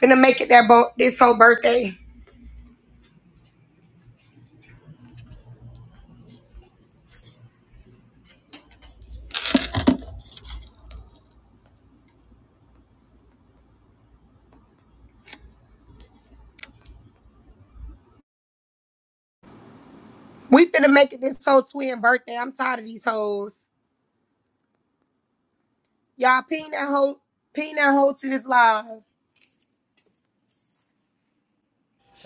Finna make it that bo- this whole birthday. We finna make it this whole twin birthday. I'm tired of these hoes. Y'all ping that hoe, ping that hoe to this live.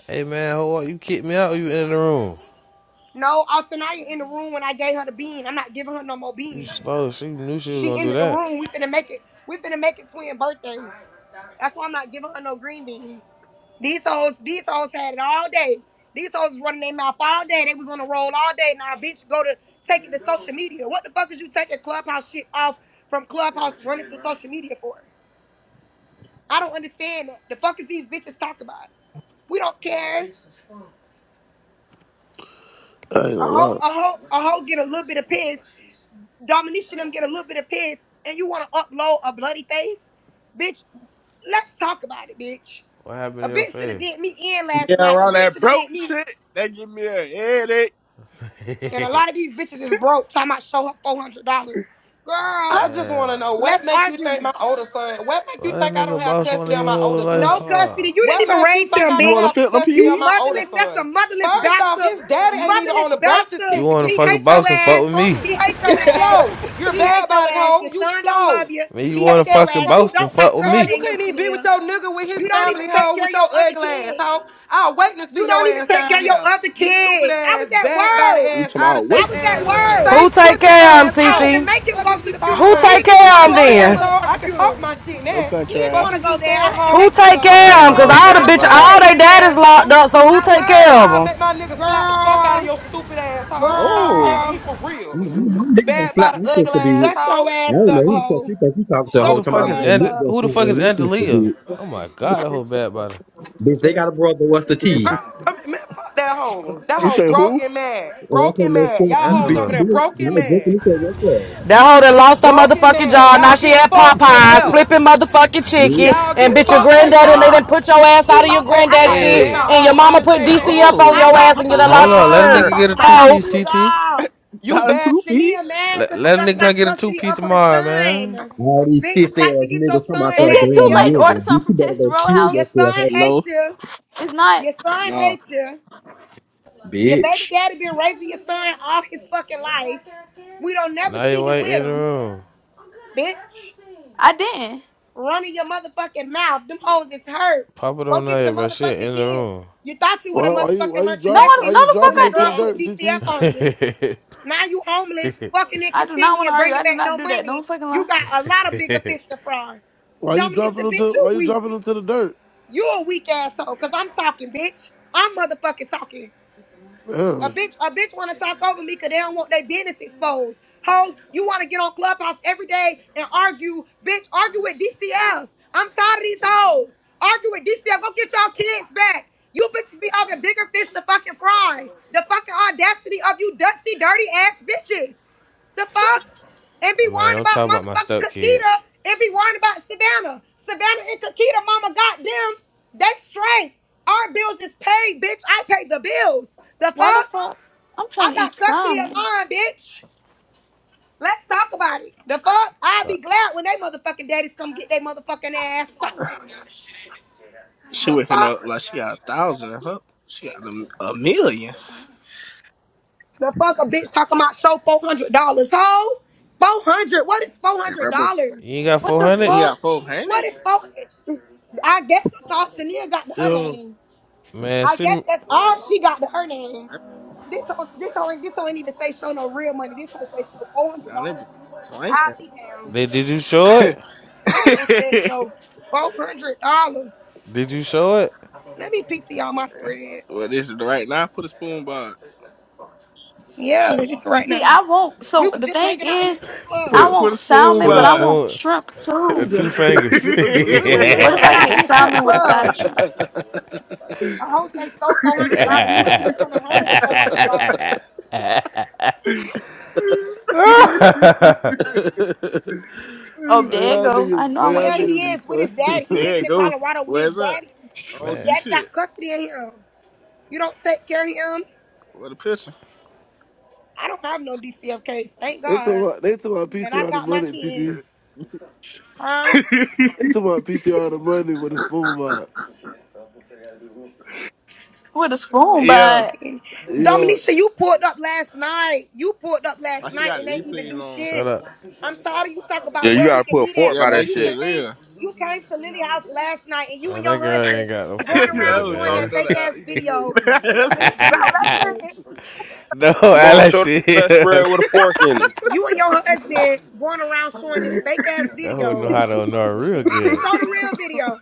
Hey man, hold on. You kicked me out. Or you in the room. No, Altanaya in the room when I gave her the bean. I'm not giving her no more You beans. slow. She knew she was She gonna do ended the that. room. We finna make it. We finna make it twin birthday. That's why I'm not giving her no green bean. These hoes, these hoes had it all day. These hoes was running their mouth all day. They was on the roll all day. Now, bitch, go to take it to social media. What the fuck is you taking clubhouse shit off from clubhouse running to social media for? I don't understand that. The fuck is these bitches talk about? We don't care. A I ain't gonna hoe, lie. a hoe, a hoe get a little bit of piss. Dominisha them get a little bit of piss, and you want to upload a bloody face, bitch. Let's talk about it, bitch. What A happened to your bitch should have face? did me in Yeah, last night. A around bitch that should have broke did me. shit, that give me a headache. And a lot of these bitches is broke. Time I show her four hundred dollars, girl. I just Man, want to know what Let's make you think argue. my older son, what make what you a think I don't nigga have boss one custody of of your my whole older life No son? for? custody. You didn't What even make you raise think him, I You don't want to bitch. have fit them custody You of my peas? older motherless. That's a son? motherless First off, bastard. his daddy ain't even Motherless on the birth bastard. You wanna He certificate to fucking hates your take boss and ass. fuck shit with from me? He me. hates your You ass. slow. You're a He bad hates your body ass. hoe. Your You son don't love slow. you. Man, You you He wanna stink hates your ass fucking ass. You hoe. boss and don't fuck got with Girl, me? you custody of him, couldn't even be with Shania. your nigga with his You don't even family take hoe care with of your your other ugly ass kid. hoe. I was waiting to You see your don't even ass take care down of your there. other You stupid kid. I was ass, at bad body work. you ass, talking out of about I shape wait was to see at ass, your ass. work. Who stink take pussy care ass of them, I hoe. had to Cece? make him Fuck go is to you the talking Who funeral. He about? take didn't care even Who want of to them take go Fuck to care that then? of 'em? asshole. I motherfucking can talk funeral. my shit Your now. He country didn't ass. Fuck want to is go you there. I saying, had to home? Who make him take I'm go. care Down back of them? that Cause whole home all the now I bad bitch, with your body. all work. they stank daddies locked asshole. up, so who I take work. Girl, care of I'll them? make my niggas slap the fuck out of Girl, your stupid asshole. Stop playing No. with girl, me for Yeah, real. I know niggas gonna Bad flap by my the ugly sister, dude. shut asshole. your I ass don't up, know who the fuck hoe. you think you talking to a Who Shut whole the time. your I fuck is know ass Ange- niggas up. gonna Who the flap fuck one of is my sister, Angelia? dude. Oh my god, that whole bad body. Bitch, they got a brother. What's the T? Girl, I mean, man, fuck that hoe. That You hoe say who? broken mad. Oh, okay, Broken no mad. fuck Y'all you, hoes bitch. over You there bitch. I broken was just mad. gonna what's up, That hoe that lost her Broken motherfucking mad. job, now Y'all she get at fucked and Popeyes, left. flipping motherfucking dude. chicken, Y'all and Who get bitch your lost fucked their and granddaddy, and they left. done job? put your ass Who out of your lost their? Stank I granddad got ass, shit, two bad and by your jobs. the mama out of put shape DCF on No, asshole. I your not got ass, and you two done lost no your Popeyes. on. Fuck Let is a you nigga turn. jobs. get talking a I two got about? Hoe, piece, two TT. jobs. You Not a bad two Shania piece. mad Let, because she let a don't nigga got come get a two custody piece of her tomorrow, man. son. All these Bitch, sis fight to ass get your niggas come out son Is for a back. it too damn Your late to order nigga, bitch. You something from better Texas go kill your Roadhouse? yourself, son hoe. hates No, you. It's not. Your son nah. hates you. Your baby bitch. daddy been raising your son all his fucking life. We don't never Naya see you White with in the him, room. bitch. I didn't. running your motherfucking mouth. Them hoes is hurt. Pop it Go on get Naya, your bro. Shit motherfucking in the kids. room. You thought you would Why, have why you why motherfucking you learned your No, drop I, why no, lesson you the fuck when dropping the I them to girl the didn't. dirt, put DCF TT? on you. hey, Now you homeless, fucking in I do not Kissimmee want to and argue. bringing I did back not no do that. money. Don't fucking You lie. got What a lot of bigger fish to fry. Why you Dominica, dropping them bitch, to you why you weak. dropping them to the dirt? You a weak asshole, cause I'm talking, bitch. I'm motherfucking talking. A Damn. bitch, a bitch want to talk over me because they don't want their business exposed. Ho, you want to get on Clubhouse every day and argue. Bitch, argue with DCF. I'm tired of these hoes. Argue with DCF. Go get y'all kids back. You bitches be all the bigger fish to fucking fry. The fucking audacity of you dusty, dirty ass bitches. The you fuck? And be man, worrying don't talk about about my motherfucking stepkids. Kakita and be worrying about Savannah. Savannah and Kakita, mama, goddamn, they straight. Our bills is paid, bitch. I pay the bills. The Why the fuck? fuck? I'm I trying to eat got custody of salmon. mine, bitch. Let's talk about it. The fuck? I'll be Stop. glad when they motherfucking daddies come get their motherfucking ass up. She The waking up fuck? like she got a thousand in her. She got a, a million. The fuck a bitch talking about show four hundred dollars, hoe? Four hundred? What is four Hey, hundred Rebel. dollars? You ain't got What four the You hundred, got fuck? four What hundred? is four? I guess that's all Shania got to her Yo. name. man. I See, guess me- that's all she got to her name. This hoe, this hoe, ain't- this hoe ain't even say show no real money. This hoe say show four hundred Nah, dollars. that be swinging. i be down. they did you show it? This hoe said show four hundred dollars. Did you show it? Let me PTR my spread. well, this is right now. Put a spoon by. Yeah, just right See, now. I won't. We So were the just thing hanging out in the is, strip club. I Put Put put a want spoon salmon, put but a I by. want spoon, shrimp He's too. two fingers. done for the We were spoon just it. What if by. hanging I out get in the strip salmon with a club. side of shrimp? A whole say show four hundred dollars. You ain't even coming home with four hundred dollars. Oh, Man, there you y'all go. I niggas, know I man, y'all want Yeah, he tripping niggas is is with his funny. daddy. He there living you in go. Colorado with his Where's that? daddy. I don't His man, see daddy shit. got custody of him. You don't take care of him. What a picture. I don't have no DCF case, thank they took God. my they took my And I PTR the got my money, kids, TT. huh? They took my PTR the money with a spoon by. with a You spoon, want to meet yeah. with the but enemy. Yeah. Dominica, you pulled up last night. You pulled up last Why she night got the and ain't even replays do on? shut shit. up. I'm tired of you talk Yeah, about you where we gotta can put a meet fork at. Yeah, by Girl, that make you sure shit. it's came real. you came to Lily House last night and you and Man, that your girl husband ain't got no going fucking that money, around was showing that man. talking on the fake ass out. You know, you video. know Let me let me let these folks. no, Come I on, like show she that spread is. with a fork in it. You and your husband going around showing this fake ass That hoe know video. how to know her real good. Show the real video.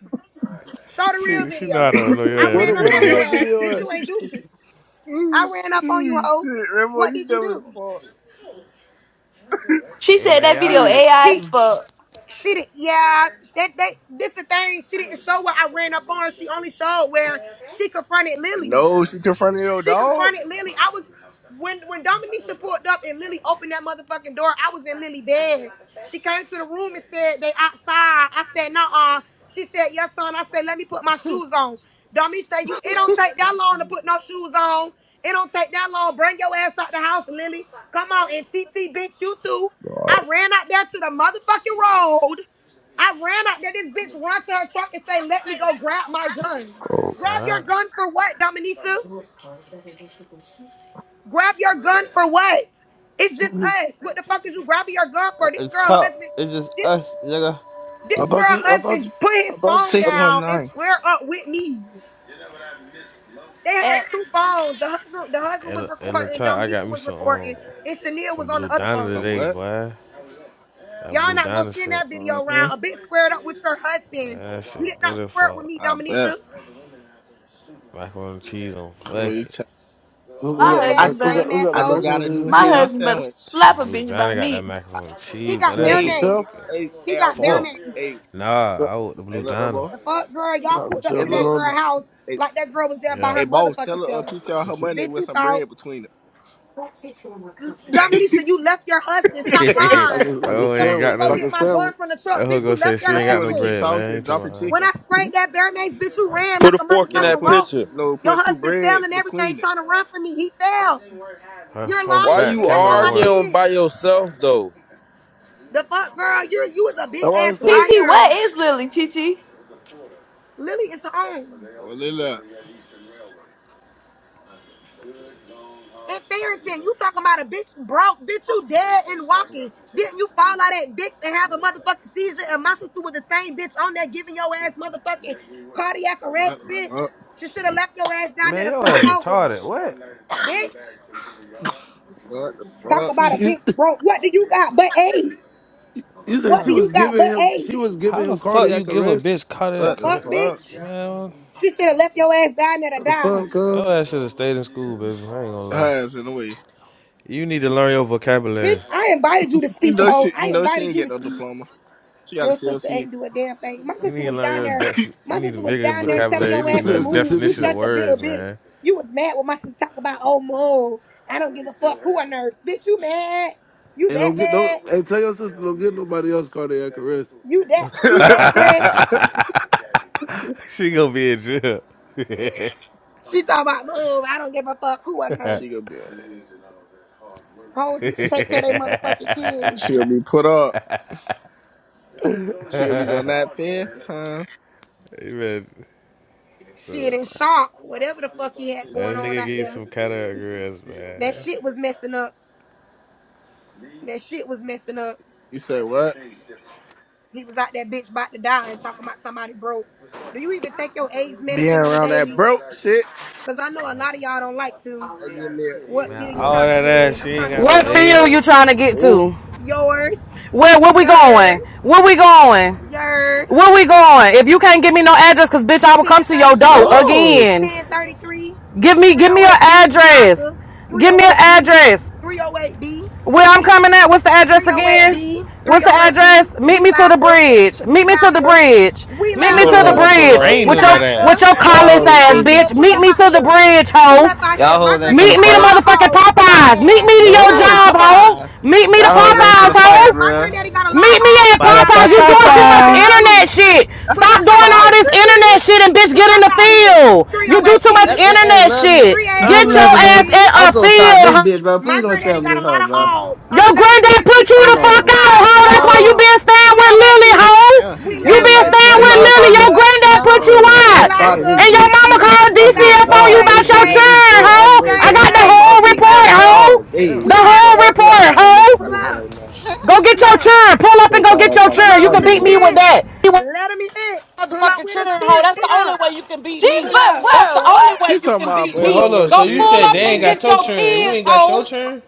Show the real She she know how video. to know I What your a ass ran up real what a on your real good. ass. video Bitch, at? you ain't do shit. I ran up on you, hoe. Shit, Rambo, What you did dumb as you she Hey said man, that y'all video need. AI do? as fuck. fuck. she did yeah that they. this the thing she didn't show what i ran up on her. she only showed where she confronted lily no, she confronted your she dog. confronted Lily. I was when when Dominisha pulled up and Lily opened that motherfucking door. I was in Lily bed. She came to the room and said they outside. I said no. uh She said yes, son. I said let me put my shoes on. Dominisha, said, you it don't take that long to put no shoes on. It don't take that long. Bring your ass out the house, Lily. Come on and TT bitch you too. Oh, I ran out there to the motherfucking road. I ran out there. This bitch run to her truck and say, "Let me go grab my gun." Grab your What? gun for what, Dominisha? Grab your gun for what? It's just us. What the fuck is you grabbing your gun for? At This the girl top, husband, it's just this us, nigga. this I girl thought you I thought you husband put I his thought phone I, down and 619. square up with me. They had And two phones. The husband, the husband was Ella, Ella recording, top. I got Dominisha me was some um, recording, and Chanel some was on blue the other diner phone. So today, what? boy. That Y'all blue not gonna diner send shit, that video Mm-hmm. around a bit squared up with your man, husband. that shit You did good not as square up with fuck. me, I bet. Dominisha. Macaroni and cheese on Who fuck you it. tell? who my who got Weird the I, ass, husband mac who better. got lame who got the I just asshole. got a macaroni new and My ham cheese? husband better sandwich. The slap a blue bitch by diner got me. that macaroni and He cheese, but got that Not bear for Hey, shit maze. hey, self. hey, He I- got bear look. fuck. maze. Hey, Nah, Not I want the hey, blue look, diner. Rambo. The fuck, girl, y'all not for pulled up self Hey, to that look. girl alone. house Hey, like that girl was there by Yeah. hey her boss, tell motherfucking her uh, self. PTR her money Bitch, with you some thought bread between Dominisha, you left your husband. Stop it. Like a lying. like You a oh, said I'm ain't sandwich. gonna got go Like no. get a my gun sandwich. from the truck. That hoe Bitch, you gonna say left she your If ain't she got want no to husband. keep bread, man. You talking, talking dropping about When chicken. I That's sprayed that bear mace, bitch, you ran like Put a a fork in No, motherfucking that put a, roach. picture. no, Your put two husband fell breads and everything between it. trying to run from me. He fell. her, You're her Why lying, back you and that's camera on don't my work. arguing by kids. yourself though? The fuck, girl, you're you is a big why I ass say TT, liar. what is Lily, TT? Lily is home. Well, look. And Theron saying, you talking about a bitch broke, bitch, you dead and walking. Didn't you fall out that dick and have a motherfucking seizure? And my sister was the same bitch on there giving your ass motherfucking cardiac arrest, What the bitch. fuck? She should have left your ass down there Man, to your croak ass over, retarded. What? Alert train bitch. backs into the yard to What switch the Talk fuck? about She. a tracks. she. bitch broke. What do you got but AIDS? You said What she do Oh. you was got giving but him. AIDS? She was How giving the him fuck you cardiac give a arrest. bitch The cardiac What the fuck, correct? That what fuck? we bitch? got Man, She should have left your ass down there to What from The the train die. fuck, your huh? company ass should have over stayed in the school, years baby. I for ain't gonna our lie. Her ass in the service. way. You need to learn your vocabulary. Bitch, Five I hundred invited you to You speak, dollars. know ho. she, you I know she invited ain't you to get no speak. diploma. She got a Your sister CLC. ain't do a damn thing. My You sister need to was learn down your there. that's My you need a sister was bigger down there That, telling vocabulary. You your need to ass to know that the move. You definition of Traces certificate. such a bitter words, bitch. man. You was mad when my sister talk about oh move. I don't give a fuck who I nurse. Bitch, you mad? You And don't that get no. mad? Hey, tell your sister don't get nobody else cardiac arrest. You that you that pressed? She gonna be in jail. She talking about move. I don't give a fuck who I nurse. she gonna be Hoes need to take care of their motherfucking kids. she gonna be put up. She gonna be doing that fair time. Amen. Shit in shock. Whatever the fuck he had That going on out there. That shit was messing up. That shit was messing up. You say what? He was out that bitch about to die and talking about somebody broke. Do you even take your AIDS Being medicine on a around that daily? broke shit. Because I know a lot of y'all don't like to. That give me a What Man, field you You all trying to that get ass, in? she I'm ain't trying to got get in no what your field A's. you field. trying to get oh to? Yours. Where, where we going? Yours. Where we going? Yours. Where we going? If you can't give me no address, cause bitch, I will come to your door 1033. no again. 1033. Give me give me your 308B, we address. locker. Give me your 308B. address. 308B. Where I'm coming at, what's the address again? 308B, What's the 308B, address? Meet we me to the locker, bridge. we Meet me to the locker, bridge. we Meet me Shoulda to hoes the ain't locker, wrote gonna to the pull bridge up. we rain with on your that locker, with ass. your Y'all collarless we hoes ass, locker. faking. bitch. Pull Meet up me out to the here. bridge, Pull hoe. up out Y'all here. My hoes ain't granddaddy finna Meet got me a to fight. lot of motherfucking hogs for y'all Popeyes. Meet ass. me to Pull your up no out job, here. hoe. Popeyes Meet me to Y'all Pull hoes up ain't Popeyes, finna out fight hoe. here. for My real. granddaddy got a lot of Meet me hogs at for Ba da y'all ba Popeyes. You ass. ba I'ma doing too let them much ba. bitches Popeyes internet loose. shit. Pull Stop up doing out all fried this here. internet shit and bitch Pull get in up the out chicken. here. field. You do too 308B, much That's it. That's internet loving shit. it. 38, I'm Get your loving it. ass in 308B. I'm a so tired of field. this ho. bitch, bro. My Please don't tell granddaddy me got this a lot hoe, of bro. hogs. I'ma Your let them granddad bitches eat put you Hold y'all the ass fuck on. out, alive. ho. Come That's on. why you No, been staying with 308B, Lily, ho. Damn, she we You yelling been like locker, staying That's with not her we plain. Lily. Your talking. locker, granddad put you no. Oh, God we I'm out. tired of damn. this locker, And your mama bitch. called we I swear to DCF locker, on you God, but same about this your bitch place, make me children, so ho. aggravated. That same I got hoe the talking place, about whole her we baby report, daddy ho. locker, God all day. damn. The we I'm gonna whole fuck the locker, shit out of report, her and make ho. that pull baby daddy up, mad. Go get pull your up, churn. Pull That up boy and go thought get I was your talking pull churn. about up You that with can a nigga. beat me was- with stick, that. You Let him hit, pull up Motherfucking with churn, a hoe. stick, That's pull the only up, way you can beat me. but pull up, That's the whoa, only way She what? you talking can about beat Wait, pull me. up hold with on. a So Go you stick, pull let said they up it ain't and hit. got get your your turn. You kids, ain't got your hoe. turn?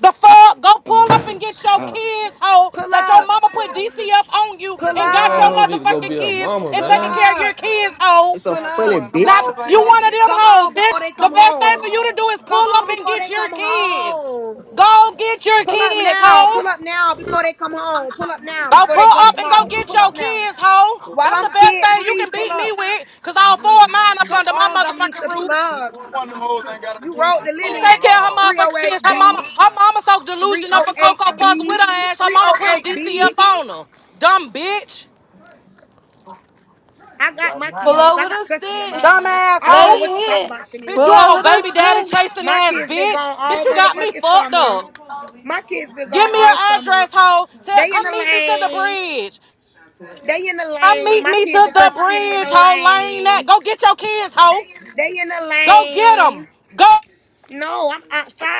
The fuck? Go That pull boy up and get six. your Uh, kids, hoe. pull That your up, mama put DCF on you pull Man, and got your up, y'all need to go motherfucking be a kids mama, and pull taking man. care of your up, kids, hoe. it's a pull funny up, bitch. You one of them come hoes, on bitch. before they The come best thing for home, you to do is come pull up on and before get they your come kids. home. Go get your Pull up kids, now. hoe. Pull up now before they come home. Pull up now Go before they pull drop up them and go off. get Pull your up now. kids, hoe. While That's I'm the best kid thing you free, can pull beat me up. with, cause I'll afford mine up Come under my on, motherfucking Dominica, roof. pull up. You rode the lilies Take care of her motherfucking kids. Her 308B, mama, her mama so delusional up for Cocoa Puffs 308B, with her ass. Her mama putting DC 308B. up on her. Dumb bitch. I got my Pull kids. I over got the custody of stick. Dumb mine. ass I don't Let know hoe. what you talk it about, hit. Pull Bitch, you Shania. over old the baby daddy stick. chasing My ass kids been bitch. gone Bitch, all you got me motherfucking fucked summer. up. My kids been Give gone me your all summer. address, hoe. Tell, They in come the meet me to the lane. bridge. They in the Come lane. meet My me kids to in the Crescent City in the bridge, hoe. Lane that. lane. Go get your kids, hoe. They in the Go get them. lane. Go. No, I'm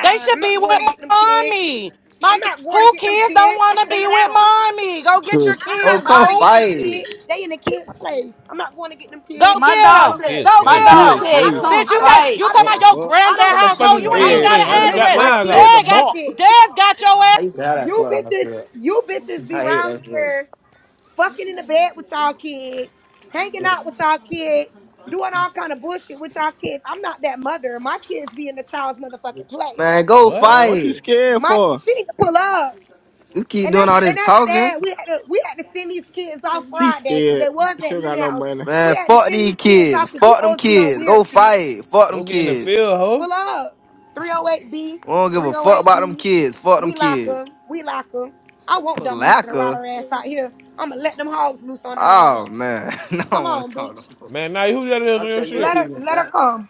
They I'm should be not going with to get them kids. mommy. I'm My ki- not going to who get them kids don't kids. I'm want to be hanging with out. mommy? Go get your To I'm Oh, kids, not come going to ho. get them fight. kids. They in the kids' place. I'm not going to get them Go kids. My get dog Your them. Look, said, kid's Go my place. get dog I them. this don't, I said, place. don't, come Bitch, I you don't, can't. fight. You I talking What don't, about the your fuck? I granddad don't, What the fuck household? is the You ain't I even kid's Yeah, They don't got place? I I an what was- just the exploit dropped drop address. my fuck? mine They off. in kids the Dad to got. box. shit. Dad's got your ass. I used to have that You club. I bitches, feel. you bitches be I hate round that here club. fucking in the bed with y'all kids, hanging out with y'all kids, doing all kind of bullshit with y'all kids. I'm not that mother. My kids be in the child's motherfucking place. Man, go What? Man, what you fight. scared My for? she need to pull up. You keep And that's doing all and this that's talking. sad. We had to we had to send these kids off She Friday because scared. they was She at ain't got Lily no House. money. We Man, had to fuck send these these kids kids. off because you Fuck them hoes be on kids. weird Go shit. fight. Fuck them Go get in the kids. field, hoe. Pull up. 308B, I don't give a fuck about them 308B. kids. Fuck them We lock kids. 'em. We lock 'em. I want Dominisha to ride Palaka. her ass out here. I'ma let them hogs loose on her ass. Oh man, no, I Come don't want on, to talk bitch. no more. Man, now who that is I on your said me Let shit? her people with let her that. come.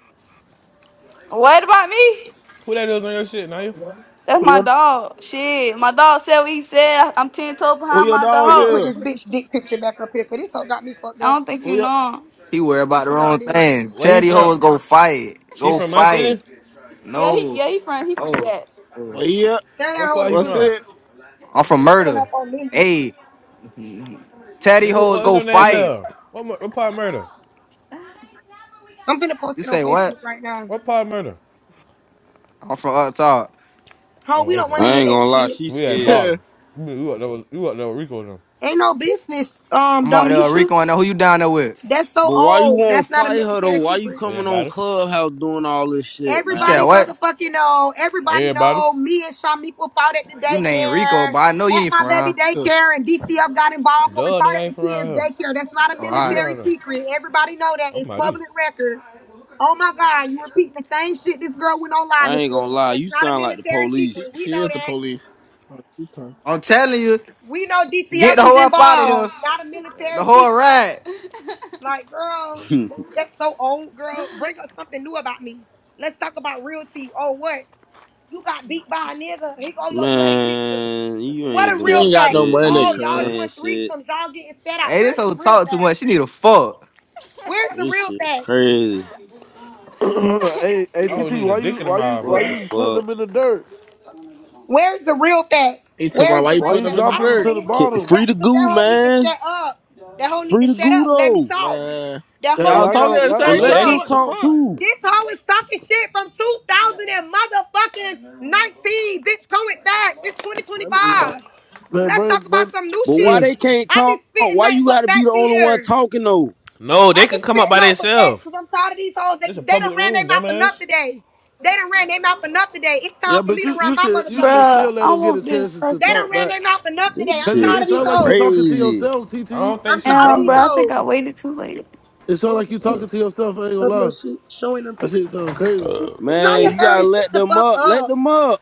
What about me? Who that is on your shit, now you. That's Who my your dog. Shit, my dog said what he said. I'm ten toes who behind your my dog Let me dog. put is? this bitch dick picture back up here, cause this hoe got me fucked I up. don't think you Who your know. him. He worry about the PTR wrong this. thing. Where Tell he these from? hoes go fight. He Go from my fight. city? Yeah, he No. yeah he from he from Oh. Jax. oh. what he is? Tell that What hoe to part he pull What's from? up. it? I'm from She pulling murder. up on Lily. Hey, tell these Nigga, hoes what's go your He name, said fight. Mel? What, what part murder? I'm finna post You it on say what? Facebook right now. What part murder? I'm from up top. Ho, we Oh, don't okay. want to I hear ain't that gonna lie, shit. she We at the scared. bottom. You up there with, we up there with Rico and them. Ain't no business, um, I'm out there Dominisha. Rico I know who you down there with? That's so But why you old. won't That's not a fight her though? military Why you secret. coming on Everybody? Clubhouse doing all this shit, You said Everybody man? what? motherfucking know. Everybody Everybody? know. Me and Shamiqua fought at the You named Rico, daycare, but I know you at ain't my from baby around. daycare, and DCF got involved because we Duh, nigga, fought I at ain't the from around kids' here. daycare. That's not a Oh, I be all right. military around here. secret. Everybody know that. I'm It's out here. public record. Oh my God, you repeating the same shit this girl went on live I and ain't gonna said. lie, That's you not a sound like the military she police. secret. We she know is the that. police. Oh, She talking. I'm telling you, We know get DCF the was hoe up out of here. involved, not a The military whole secret. ride. Like, girl, that's, that's so old, girl. Bring up something new about me. Let's talk about realty. Oh, what? You got beat by a nigga. He go your bloody picture. man, you What ain't a She real doing ain't got fact. no shit. You money, Oh, ain't y'all cuz. saying doing shit. threesomes. Y'all getting set out. Hey, this Where's the hoe real talk too facts? much. She need a fuck. Where's the This real shit facts? crazy. hey, hey, I don't TT, need a why dick you in the why you mouth, why What the man. you putting fuck? them in the dirt? Where's the real facts? He told my Where's the wife Why real put you them facts? in the I dropping don't them want to dirt. to the hear Can- bottom? Free that. the Cause goo, that whole need to man. shut up. That whole need Free to the shut goo up. Let me though. talk. Man. That Yeah, whole Y'all y'all that talking whole gotta at was the y'all But same No, talking you, let they time. can. shit. them What the talk fuck? too. This hoe is talking shit from 2000 and motherfucking 19. Bitch, come with that. It's Let me eat my 2025. man, Let's Brandon, talk about Brandon. some new But why shit. Mm. they can't I be talk? spitting Why nothing you but gotta be the facts in only one here. talking though? No, I they be can come up spitting by nothing but facts themselves. because I'm tired of these hoes. They, This a they done public ran their room, mouth enough dumbass. today. They done ran their mouth enough today. It's Yeah, time for but me to you run you my should you motherfucking should mouth. Bruh, still let I them get a want this chance to They fucking done talk ran back. their mouth enough today. This I'm Cause it, shit tired it of these sounds like you hoes. talking to crazy. yourself, I TT. don't think I'm she tired of um dropped these bruh, them. I think I hoes. waited too late. It sounds Showing like them you talking pics to yourself. I ain't gonna of your lie. shit. Showing them That pics. shit sound crazy. No, Man, your you hair gotta is shut let the them fuck up. Let up. them up.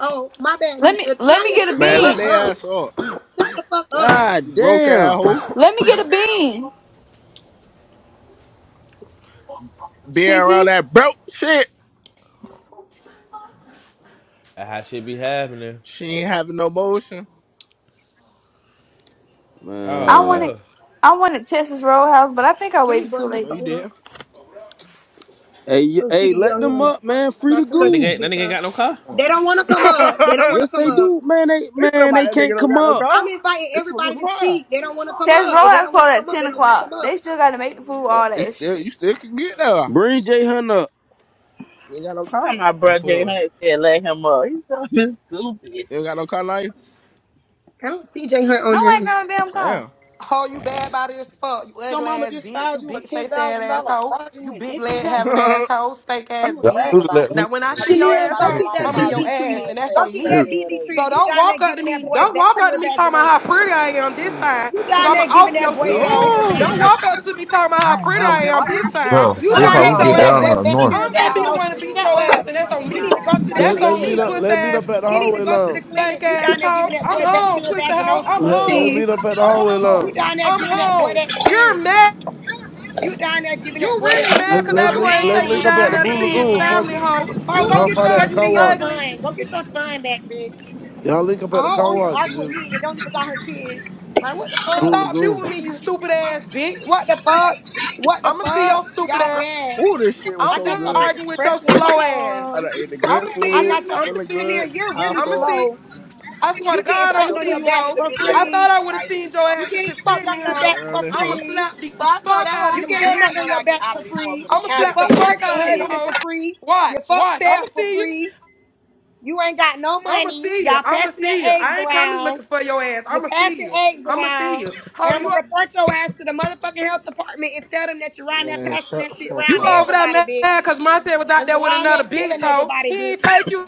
Oh, my bad, Let me Nisha. let me Naya, get shut a the Man, fuck let bean. their up. ass up. Shut the fuck up. God You broke ass damn. hoe. Let me get a bean. Being around TT. that broke shit. That how shit be happening. She ain't having no motion. Oh, I Man. wanted oh. I wanted Texas Roadhouse, but I think I Let me waited too bring this No, late. you hoe up did. Hey, y- so she hey, can get let on here them and up, man. Free not the That cuss nigga, this goo. ain't, that bitch nigga ain't out. got no car. They don't want to come up. They don't want to Yes, come they up. do. Man, they It's man, they somebody that nigga can't don't come got no up. I'm car. inviting It's from the everybody to car. speak. They don't want to come Texas up. If they Roadhouse don't want called to come at up, ten they don't want to come o'clock. up. They still gotta make the food, Uh, all that it's extra still shit. you still can get there. Bring J Hunt up. You ain't got no He car. talking about He bro put J up. Hunt said let him up. He's so You ain't got no car now. I don't see J Hunt No, on I ain't there. got no damn car. Damn. Ho, you bad body as fuck. You ugly ass bitch. You big face ass asshole. You big leg having asshole. Steak ass Y'all bitch. knew to let Now, me when out I this see bitch. your Chanel, go asshole, get that I'm in your BD ass, treated. and that's Go on get that me. BD So treated. You don't down there walk up to giving that me. boy Don't walk up to bacterial me talking about how vaginosis. pretty I am this time, You because down I'm there going to off giving that your boy shit, ho. bacterial no. Don't vaginosis. walk up to me talking about how pretty Now, I when that am this time. Bro, went You I'm this going down, to down how there we beat your giving get that down boy ass. up north. bacterial I'm going to be the one to vaginosis. beat Shut your ass, up. and that's on He need me. to go to the Let That's Let's on clinic. meet me, up. puss Let's meet ass up at the He need to hallway go to the lounge. clinic. Thank You ass down there giving hoe. stupid. that I'm boy home, bacterial pussy hoe. I'm vaginosis. Let Let's home. meet Peace. up at the I'm hallway You lounge. home. down there I'm giving that boy home. that You're shit. mad. You down there giving You that boy that really mad Let's shit. because Let's that You're boy link, ain't Let's take you link mad. up at down the You're there to Blue see his Lagoon. mad. Fuck family, it. hoe. You Oh, go Y'all a get fight at the girl, you custody car of your wash. ugly. son. Go get your son back, bitch. Y'all link up A at the hoe car on here wash and arguing with the me and don't even got her kid. Like, what the the And fuck? Blue stop Lagoon. muting me, you stupid ass bitch. What the fuck? What the I'ma see fuck? your stupid Y'all ass. mad. Ooh, this shit was I'm I so got done y'all good. bitches arguing with your pressed like a slow ass. I arm. done ate the I'ma good see I food, got you. your I'ma feeling see good, Samir, you. you're high really I'ma fuck. see. slow. I swear to You getting God, I'ma fucked on see your you, back hoe. for I thought free. I would have seen your You ass to getting fucked consider on me, My your hoe. back girl for in I'ma here. free. slap the fuck out of You you, getting bitch. fucked on your back for free. I'ma You slap the fuck fuck cricket out of you, husband hoe. for free. You Watch, fuck watch. I'ma Fab for see you. free. You ain't got no I'ma money. see you. Y'all I'ma passing their see you. eggs I ain't coming around. looking for your ass. You I'ma see passing you. eggs I'ma see around. you. And Ho, I'm you gonna report your ass to the motherfucking health department and tell them that you're around there Man, passing shut that the shit fuck you around to over up. there everybody, mad bitch. cause Monte was out And there you're with around there another bitch, killing hoe. everybody, He ain't bitch. take you.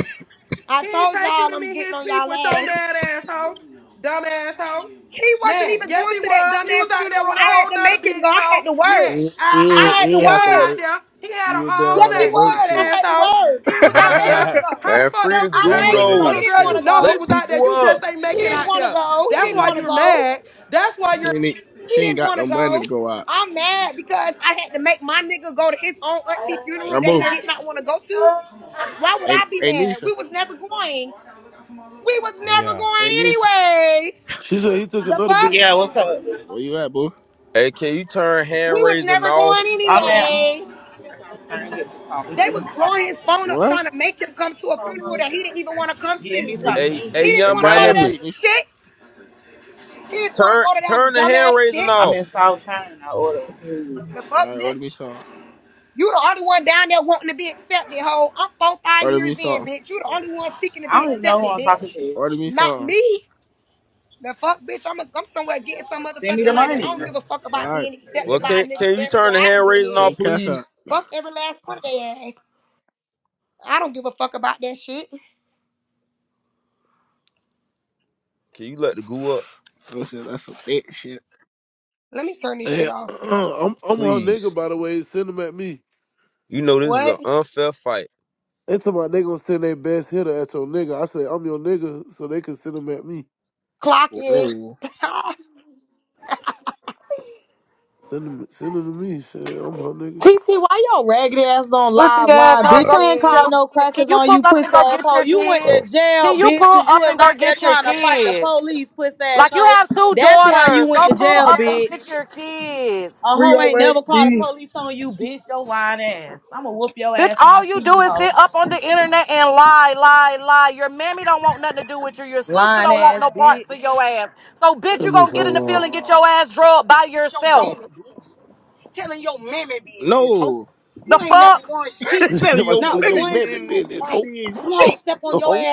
I He told take you y'all to I'm meet getting his on people y'all with your ass. mad asshole, dumb asshole. He wasn't Nah, even yes going he to that was. He was dumbass out there funeral. with a I had whole to nother make him bitch go. I had hoe. to work. Nah, You, you, I ain't- aha. had you to He ain't have was to work. out work. there. He had an You been all Yes, around he that black pussy broke was. I shit. had to asshole. work. He was I out made there. him go. How the man, fuck free that the was his I goo That made auntie him buzzing go. caught He funeral, a though. didn't girl? want You scream. to know go. he Let was out there. people You up. just ain't He make it didn't Hey, out want to there. go. He That's didn't why want to you're go. mad. That's why she, you're ain't, He she ain't didn't got want no to money go. to go out. I'm mad because I had to make my nigga go to his own auntie funeral that he Rambo, did not want to go to. Why would hey, I be hey mad? Nisha, We was never going. We was never Yeah. hey Nisha, going anyways. She said he took The another fuck? bit. Yeah, what's up? where you at, boo? Hey, can you turn We hand was raising never going off? I'm at um, anyways. I'm in South China getting something to They eat. on was blowing my his way. phone up What? trying to make him come to a funeral that he didn't even want to come Give me to. something Hey, to eat. He hey, didn't Hey, young want to grab go me to a that Miami. plate, Nisha. shit. He didn't want to Turn go to that turn the hand dumbass raising shit. I'm off. in South China. I order food. The All fuck, right, order me bitch? some. You the only one down there wanting to be accepted, ho. I'm four, five Order me years in, some. bitch. You the only one seeking to I be don't even know who accepted, I'm talking bitch. to. Order me Not some. me. The fuck, bitch? I'm, a, I'm somewhere getting some Send me motherfucking the money. I don't money. give a fuck about All right, being Well, accepted by a can nigga can you family that turn the I done hand been raising in. off, send cash out. please? Fuck every last one of their ass. I don't give a fuck about that shit. Can you let the goo up, Oh shit, that's some thick shit. Let me turn this shit Yeah, off. I'm I'm her nigga please? by the way. Send them at me. You know this is What? an unfair fight. They told my they gonna send their best hitter at your nigga. I said I'm your nigga, so they can send them at me. Clock it. Whoa. Send him, send him to me. Shit, I'm her nigga. TT, why your ragged ass on Pussy live line? asshole. lock Bitch, Like, Go I ain't get call it. your no kids. Can crackers you on pull you, up puss and go get asshole. your You went to kids? oh, jail, Can you bitch, pull because you up was and go out there get your trying to fight the kids? police, puss Like you asshole. have two That's why you daughters. went Go to pull jail, up and get bitch. your kids. A hoe ain't never called the 308B. police on you, bitch, your lying ass. I'ma whoop your Bitch, ass when all I you see you, do is sit hoe. up on the internet and lie, lie, lie. Your mammy don't want nothing to do with you. Your sister Lying don't want ass, no parts of your bitch. ass. So, bitch, That you was gonna get so in the wrong. field and get your ass drugged by yourself. No, The fuck? telling Somebody your telling your baby man mammy you business. ain't Ho, doing shit. ho.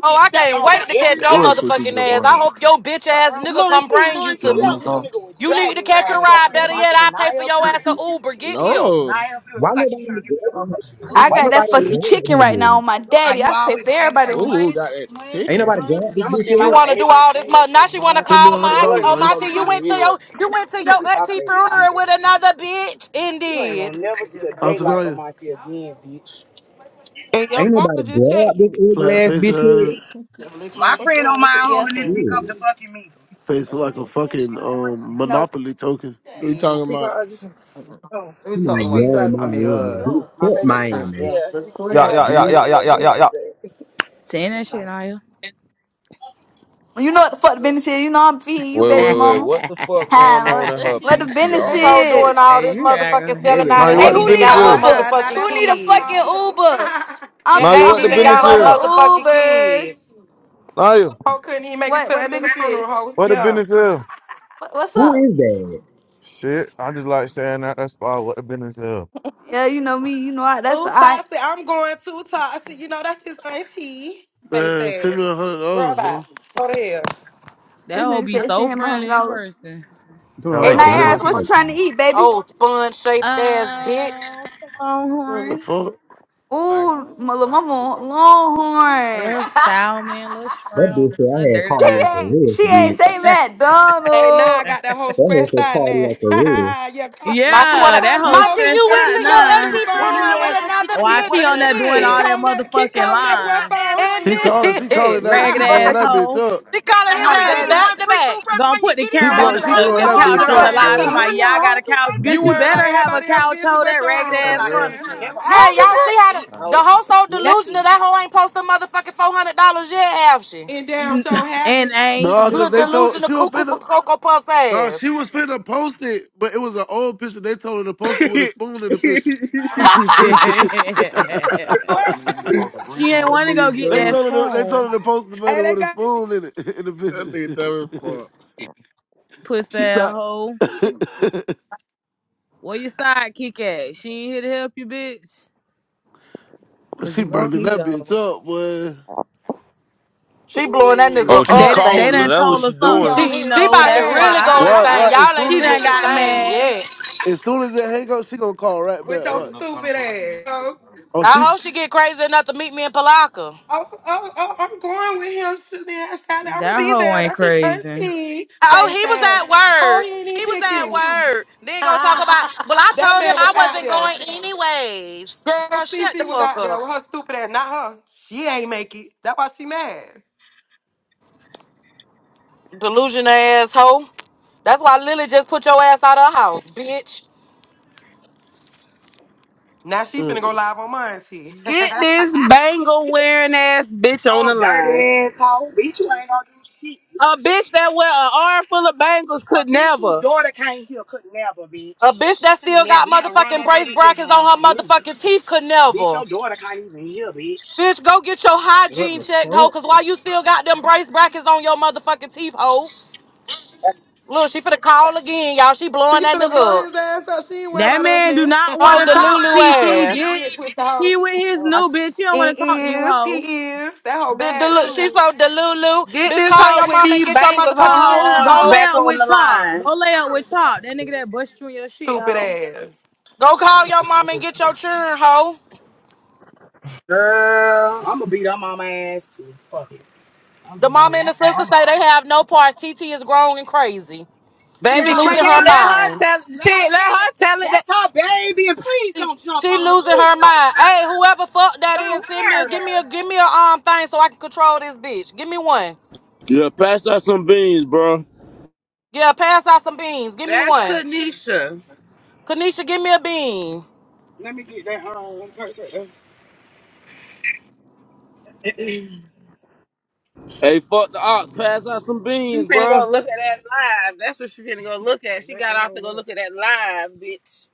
Oh, I can't wait to catch your Bullshit, she motherfucking just ass. lying. I hope your bitch ass nigga come bring you to me. I You need to catch a ride. Better yet, I pay for your ass a Uber. Get here. No. Why nobody? Why oh got that nobody fucking shit. grab chicken her right yet? now on my daddy. I pay for everybody. Uber. Ooh, got that Ain't chicken. nobody grab this bitch You head. want to do all this money? Now she want to Send me a call hundred my auntie. dollars, Oh, my Naya. auntie, you went to your you went to your auntie funeral with another bitch. Indeed. I'll tell you. And your Ain't mama nobody just grab text this me. ugly Flat ass face, bitch uh, head. What your mama text me Yeah. for? Yeah. face like a fucking um Nope. monopoly token. We talking about Let me Come talk on, to my you yo, cousin. talking I man, about? mean, yeah, man. uh. Bitch, My fuck favorite eater? Miami, Yeah, she Yeah, got. yeah, I yeah, gave bitch. yeah, her yeah, your yeah, number yeah, yeah. today. Saying that shit, Naya. You know what the fuck the business is. You know I'm feeding you, Wait, baby wait, wait. mama. What the fuck going Time. on in What her what the business This PTR? hoe What the doing is? all hey, this fuck? you motherfucking selling baby out Now aggravating. you and Hey, what ain't the who mama. even need business got a her is. Uber? aha. Now motherfucking that Who hoe need a got fucking called. kids. You know, Uber? you And I'm Now you I'm ain't what stupid the even paying business for got her the asshole. is. motherfucking kids. Ubers. Now you Hoe couldn't even make it to What what the that nigga business funeral, is? hoe. what the Yeah. business is. What, what's Who up? is that? Shit, I just like saying that. That's why what the business is. Yeah, you know me. You know I. That's Ooh, I. toxic. I'm going too toxic. You know, that's his auntie. Face Man, send ass. me a hundred dollars, huh? Robot. Go to hell. That This hoe nigga be said she so had my hundred friendly in dollars. person. Doing Yeah, All Hey, what right, the Naya damn. business. Harris, what you Cardi. trying to eat, baby? Oh, sponge shaped ass bitch. Um, some What the longhorn, fuck? Ooh, my little mama, a Longhorn. little salmon, a little That shrimp, bitch said a I little had dirty She cardiac ride. ain't, arrest, she ain't bitch. say Hey, now I got McDonald's. that whole That hoe stressed said out now. cardiac arrest. yeah, call, Now she keep yeah, wanna that calling that whole Monty, hoe. stressed you Hey, went out to keep your calling that nigga nah. phone, auntie funeral with hoe. another While she bitch on and there doing Keep all did. that calling that, keep motherfucking calling I'm that boy line, phone, And hoe. She calling, she calling did. that, beat the ragged she fuck blowing ass at that you. bitch hoe. up. She calling I'm his my ass daddy. uh-huh. back to back. Gonna put the She camera I'm on just blow, the, she playing. the, He blowing the come Uh-huh. that on, give a bitch couch Dumb on the fuck. up, live. boy. Talking We asshole. about, ain't yeah, here I got long. a couch. Bitch, You you worry about better have a everybody else's couch, business hoe, that but ragged You your own, come ass for pussy real? asshole. furniture. You don't Hey, give y'all see how the, a fuck. the hoe Uh, so delusional. That hoe ain't posted motherfucking $400 yet, have she? And damn sure have and it. ain't. Nah, The Little cause they fuck? told delusional she was cuckoo finna, from Cocoa Puff's nah, ass. she was finna post it, but it was an old picture. They told her to post it with a that spoon in the picture. she ain't Swear. want to go nigga get They that dumb. told her to, they told spoon, her to post the money hey, they with a got spoon in it in as- That the nigga dumb as picture. fuck. pussy she ass thought hoe. Where your sidekick at? She ain't here to help you, bitch. well, Cause she you gonna burning need that a bitch hoe. up, boy. She blowing that Ooh. Oh, nigga she They up, done they calling baby. her. done That's what told she her something She doing. She, on she ain't his she know. about to That's ass. really why go Why insane. why I as Y'all ain't soon she as seen done it this got thing pickaboo mad. yet. as soon as it hang up, she gonna call right with back. your What? stupid ass. So, Oh I she hope she get crazy enough to meet me in Palaka. oh, oh, oh, I'm going with him shooting ass I'm gonna That be hoe there. ain't That's his crazy. auntie Oh, face he was ass. at How work. he didn't even He was pick at you? work. Then go talk about. Well, I that told him man was I out wasn't there. going anyways. Girl, Girl, shut the Cece was fuck out there up. with her stupid ass. Not her. She ain't make it. That's why she mad. Delusion asshole. That's why Lily just put your ass out of her house, bitch. Now she uh, finna go live on mine, see. Get this bangle wearing ass bitch on the Oh, line. A bitch that wear an arm full of bangles A could bitch whose never A bitch that still got motherfucking brace brackets on her motherfucking teeth could never. Bitch, go get your What hygiene the checked, hoe, fuck? cause why you still got them brace brackets on your motherfucking teeth, hoe? Look, she finna call again, y'all. She She blowing that finna blow nigga up. his ass up. She ain't worried That about us man do now. not want Oh, to talk, Delulu that TT, what you ass. get, bitch. push the He hoe. with his I, new bitch. He don't want it to talk to you, is, hoe. he is. That whole The, bad the, she too. so Delulu. get Bitch, this call hoe your with mom and these get your bangles on her motherfucking children, Ho, arms go lay hoe. back out on with the Chop. line. Go lay out with Chop. That nigga that bust you in your shit, Stupid hoe. ass. Go call your mom and get your children, hoe. The mama and the sister say they have no parts. TT is grown and crazy. Baby, She's she losing let her her mind. tell it. Let Shit, let tell her it. tell it that. She, she losing her mind. Hey, whoever fuck that is, send me a give me a give me a um thing so I can control this bitch. Give me one. Yeah, pass out some beans, bro. Yeah, pass out some beans. Give me That's one. Kanisha. Kanisha, give me a bean. Hey, fuck the ox. Pass out some beans, She finna bro. go look at that live. That's what she finna go look at. She got off to go look at that live, bitch.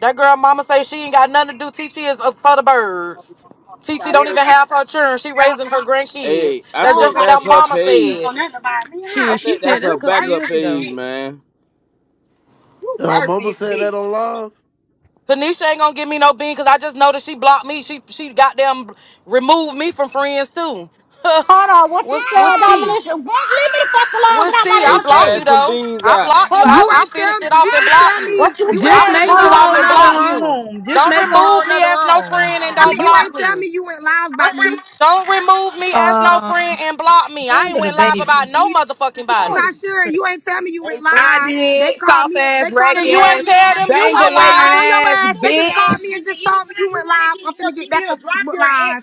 That girl mama say she ain't got nothing to do. TT is up for the birds. TT don't even have her children. She raising her grandkids. Hey, I That's just think what that that's her mama said. page. I Shit, she think that's said that her a couple backup years ago. page, man. uh, mama said that on live. Tanisha ain't gonna give me no bean because I just know that she blocked me. She she goddamn removed me from friends too. Hold on, what you what's said, what's T? Dominic? Leave me the fuck alone. Get What's out T? my I Hey, damn blocked you pass face. some though. beans I out. blocked you. I, You Hello? I ain't tell finished me. it You off and ain't blocked tell you. What me. you You ain't I Just tell said? me make a finished it you Um, went off whole and live nother about blocked me. you. room. Just Don't make a whole remove me nother as no room. friend and don't You ain't block tell me. me you went live about me. Don't remove me as no Um, friend and block me. I ain't handle the went live baby. about first, no motherfucking body. Sasha, nigga. you ain't tell me you went I live. They did. called Soft me. ass, They calling Shit, raggedy me, You telling ass, ain't me, tell them you bang went okay, away I'm your on live. your ass, bitch. I ass. They just called put it me and just in told me you went live. I'm finna get back on Facebook Live.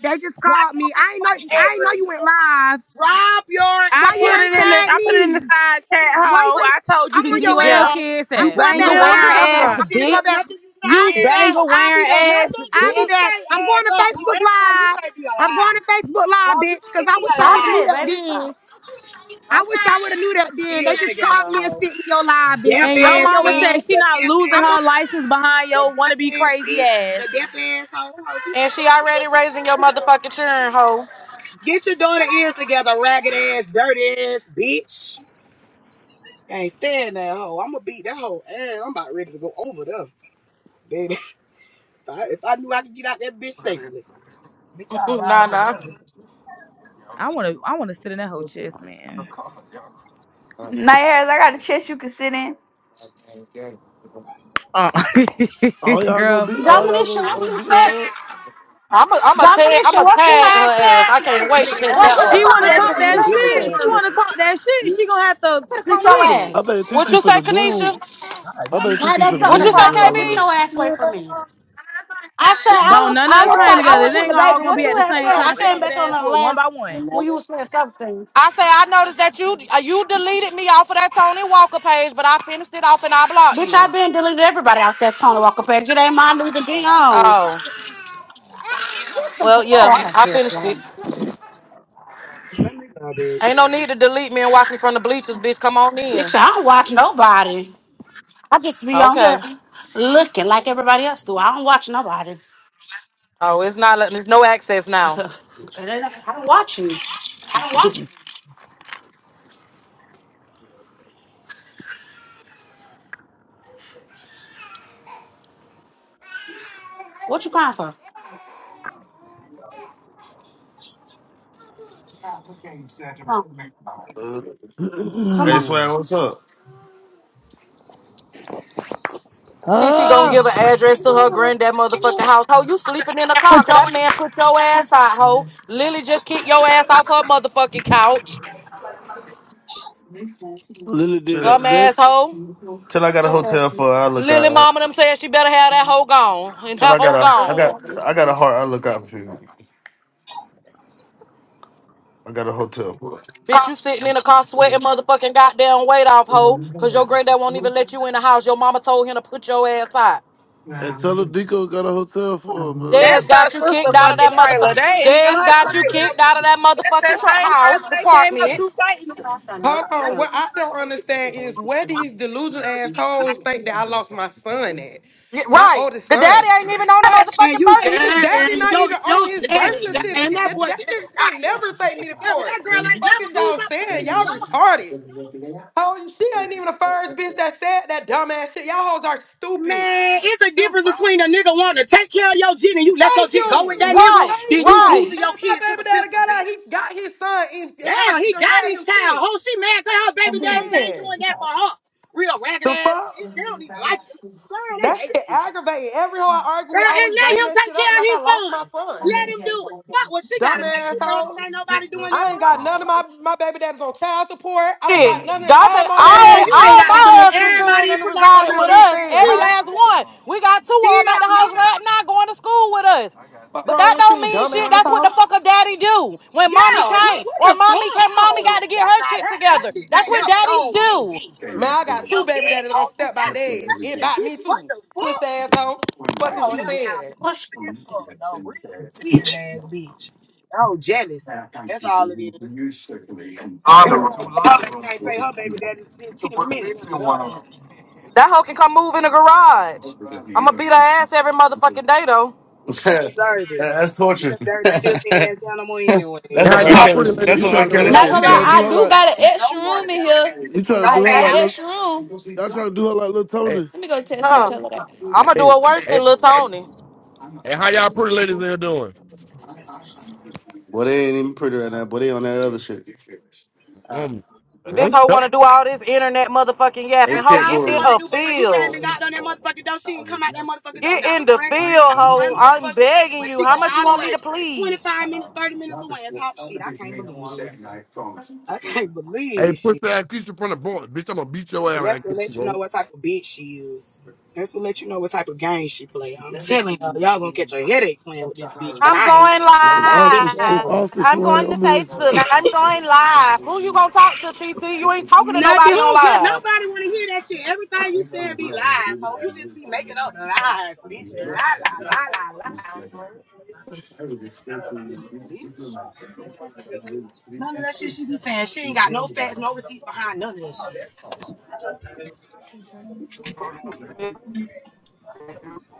They just called me. I ain't know. I ain't know you went live. Why you ain't the tag I put it in me? the side chat Why you hole. ain't? I told you I'm to on TC, get your where your there. ass. kids I'm You at? going bang back wearing live. ass I'm gonna go bitch. back. I'll You be bang back. I'll be wearing back. ass I'll be bitch. back. I'm going to Facebook Live. I'm going to Facebook Live, bitch, because I wish I stop would have knew it, that baby. then. Stop. I wish I would have knew that then. They just called me and sent me your live, bitch. And I'm your on your mama ass. said she not losing I'm on. her license behind your wannabe crazy ass. And she already raising your motherfucking churn, hoe. Mm, Nah, nah. I wanna I wanna sit in that whole chest, man. uh, Night hairs, I got a chest you can sit in. Uh, All y'all gonna girl, be move all y'all over. Domination, gonna, what gonna you beat said? her up. I'm a, I'm a tag, I'm Domination, a what you tag her had ass. said? I can't wait to piss Boy, that get the She hoe. fuck wanna away talk from me. that Real shit. shit. She wanna talk that shit. She gonna have to Just get come your with it. ass. I think What Titi you say, finna Kanisha? move. I think Now Titi that's finna something What to you move say, on cry for. Get y'all KB? your ass. ass away from me. I said I Don't was none I of us was hang I together. was It with the ain't baby. all gonna What be you at the had same said, I time. She came gonna get back on ass the whooped one last by one. when you was saying something. I say I noticed that you uh, you deleted me off of that Tony Walker page, but I finished it off and I blocked Bitch, you. I've been deleted everybody out there, Tony Walker page. It ain't mine losing being on. Oh, well, yeah, I finished it. Bitch, Ain't no need to delete me and watch me from the bleachers, bitch. Come on in. I don't watch nobody. I just be on here Okay. looking like everybody else do. I don't watch nobody. Oh, it's not. let- There's no access now. It ain't- I don't watch you. What you crying for? Come on. Uh, Come hey, on. Swag, what's up? TT gonna Oh. give an address to her granddad motherfucking house. Ho, you sleeping in the car? Cause that man put your ass out, ho. Lily just kicked your ass off her motherfucking couch. Lily did that Sure. Dumb today. asshole. Till I got a hotel for, I look Lily out. mama them said she better have that hoe gone. And Till that I got hoe a, I got, gone. I got a heart. I look out for people. I got a hotel for. Bitch, you sitting in the car sweating motherfucking goddamn weight off, ho. Cause your granddad won't even let you in the house. Your mama told him to put your ass out. And tell her Dico got a hotel for her, man. That's Dez her got you sister kicked out of fucking that trailer. They motherfucker. ain't even Dez her got you trailer. kicked out of that That's motherfucking that tr- same house trailer they came up department. to fighting them. Hold on. What I don't understand is where these delusional assholes think that I lost my son at. Yeah, My right. oldest The son. daddy ain't even on the motherfucking Like birth his certificate. daddy not even on his birth certificate. That, that nigga can't never take me to court. Fuck is y'all saying? Y'all retarded. Oh, she ain't even the first bitch that said that dumbass shit. Y'all hoes are stupid. The fuck? Thank you. Right. Thank you. Man, Right. my baby daddy got out. He got his son and had had him sick. You saying? The fuck? That shit aggravating. Every hoe I argue with always bring that shit up like I lost my son. Dumb assholes. I ain't got none of my, my baby daddy's on child support. I don't got Shit. none of Dante, all my baby all daddies all stepped my by their husband kids. children Fuck resided is with you us. saying, Every hoe? last one. We got two of them at the house right now going to school with us. What But wrong that with don't you, mean dumb shit. That's what the asshole? fuck a daddy do when mommy came or mommy came. Mommy got to get her shit together. That's what daddies do. Man, I got two baby daddies gonna step by days and bite me too. Puss asshole. Fuck is you saying? What you- All That hoe can come move in the garage. I'ma beat her ass every motherfucking day though. That- that's torture. that's Hey, an That's how R. that's y'all what Kelly. pretty that, Shit. ladies That's you an in here R. trying to do Kelly doing? her. Not shit You gonna to trying to me. do lie, I her do like got an extra room in here. you trying to do I her got like an look. extra room. Y'all trying to do her like little Hey, Tony. Let me go test and Huh. tell her that. I'ma do hey, it worse hey, than Lil Tony. hey, how y'all pretty ladies in here doing? Boy, they ain't even pretty right now. Boy, they on that other shit. Um, This um, hoe yep. wanna do all this internet motherfucking Hey, yapping. Hoe, get in Pitbull. a field. Get in the field, hoe. I'm begging you. How much you want me to plead? Hey, push that ass Keisha from the board. Bitch, I'm gonna beat your ass when I get you, bro. I'm going And if Austin live. if Austin I'm going slam, to I'm in. Facebook. I'm going live. Who you gonna talk to, TT? You ain't talking to nobody on live.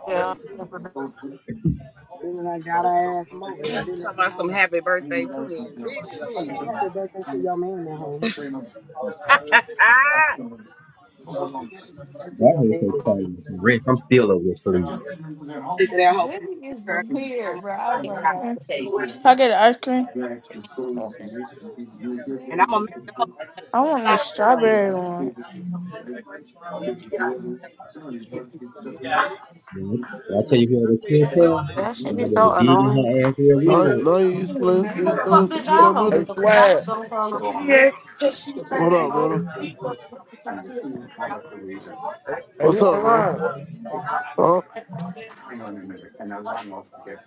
Yeah. Talking about some happy birthday twin. Bitch, please. please. honey. That hoe said cardiac arrest. I'm still over with fleas. This is weird, bro. I swear to God. Can Okay. I get an ice cream? I want the strawberry one. But I tell you what, the kid told that should be y'all better so dig in annoying. her ass real Now good. now you you still ain't, you What the still fuck ain't did sent me Hey, that y'all on? hey, money. Because y'all was swag. going on. I What up, brother? Hey, What's hit up, my bro? line. Huh? All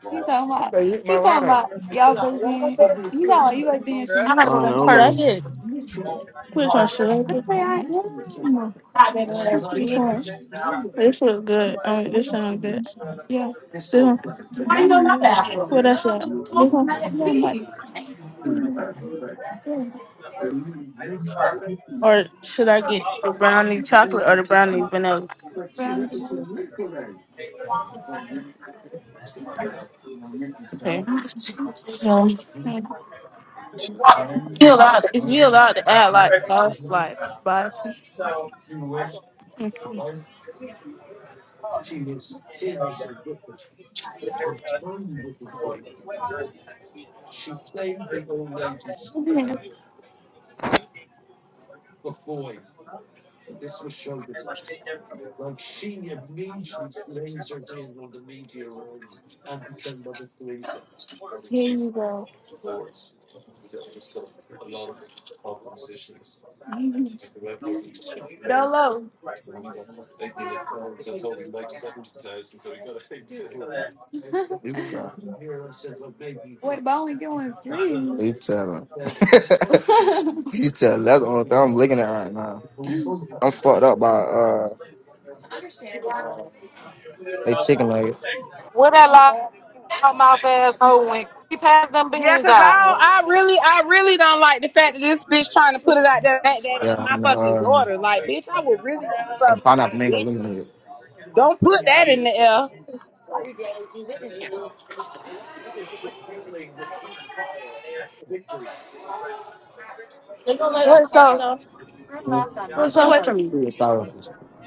He talking about I say, hit my he talking line. about y'all better be he talking about you better be in some Girl. new gotta go shit to right, like these that. hold Should I on. perks. get which one should I get? I get? say I am. I been in there, Oh, bitch. this look good. I mean, this sound good. Yeah, This one. the Why you brownie. gonna one. What that's that? This one. Yeah, I'm like hmm. Or should I get the brownie chocolate or the brownie vanilla? Okay. know that? Is we allowed to add like sauce, like bison? here you go. Dolo. Wait, but I only doing three. You tell him. you telling? That's the only thing I'm looking at right now. I'm fucked up by uh they chicken nuggets. Where that loud mouth asshole went? He passed them Yeah, beans cause I out. don't, I really I really don't like the fact that this bitch trying to put it out there like that in Yeah, my and fucking um daughter. Like, bitch, I will really do and the something to pineapple you, mango bitch. living with. Don't put that in the air. They gonna let what sauce? Hmm? What Get away sauce? from me. Sweet and sour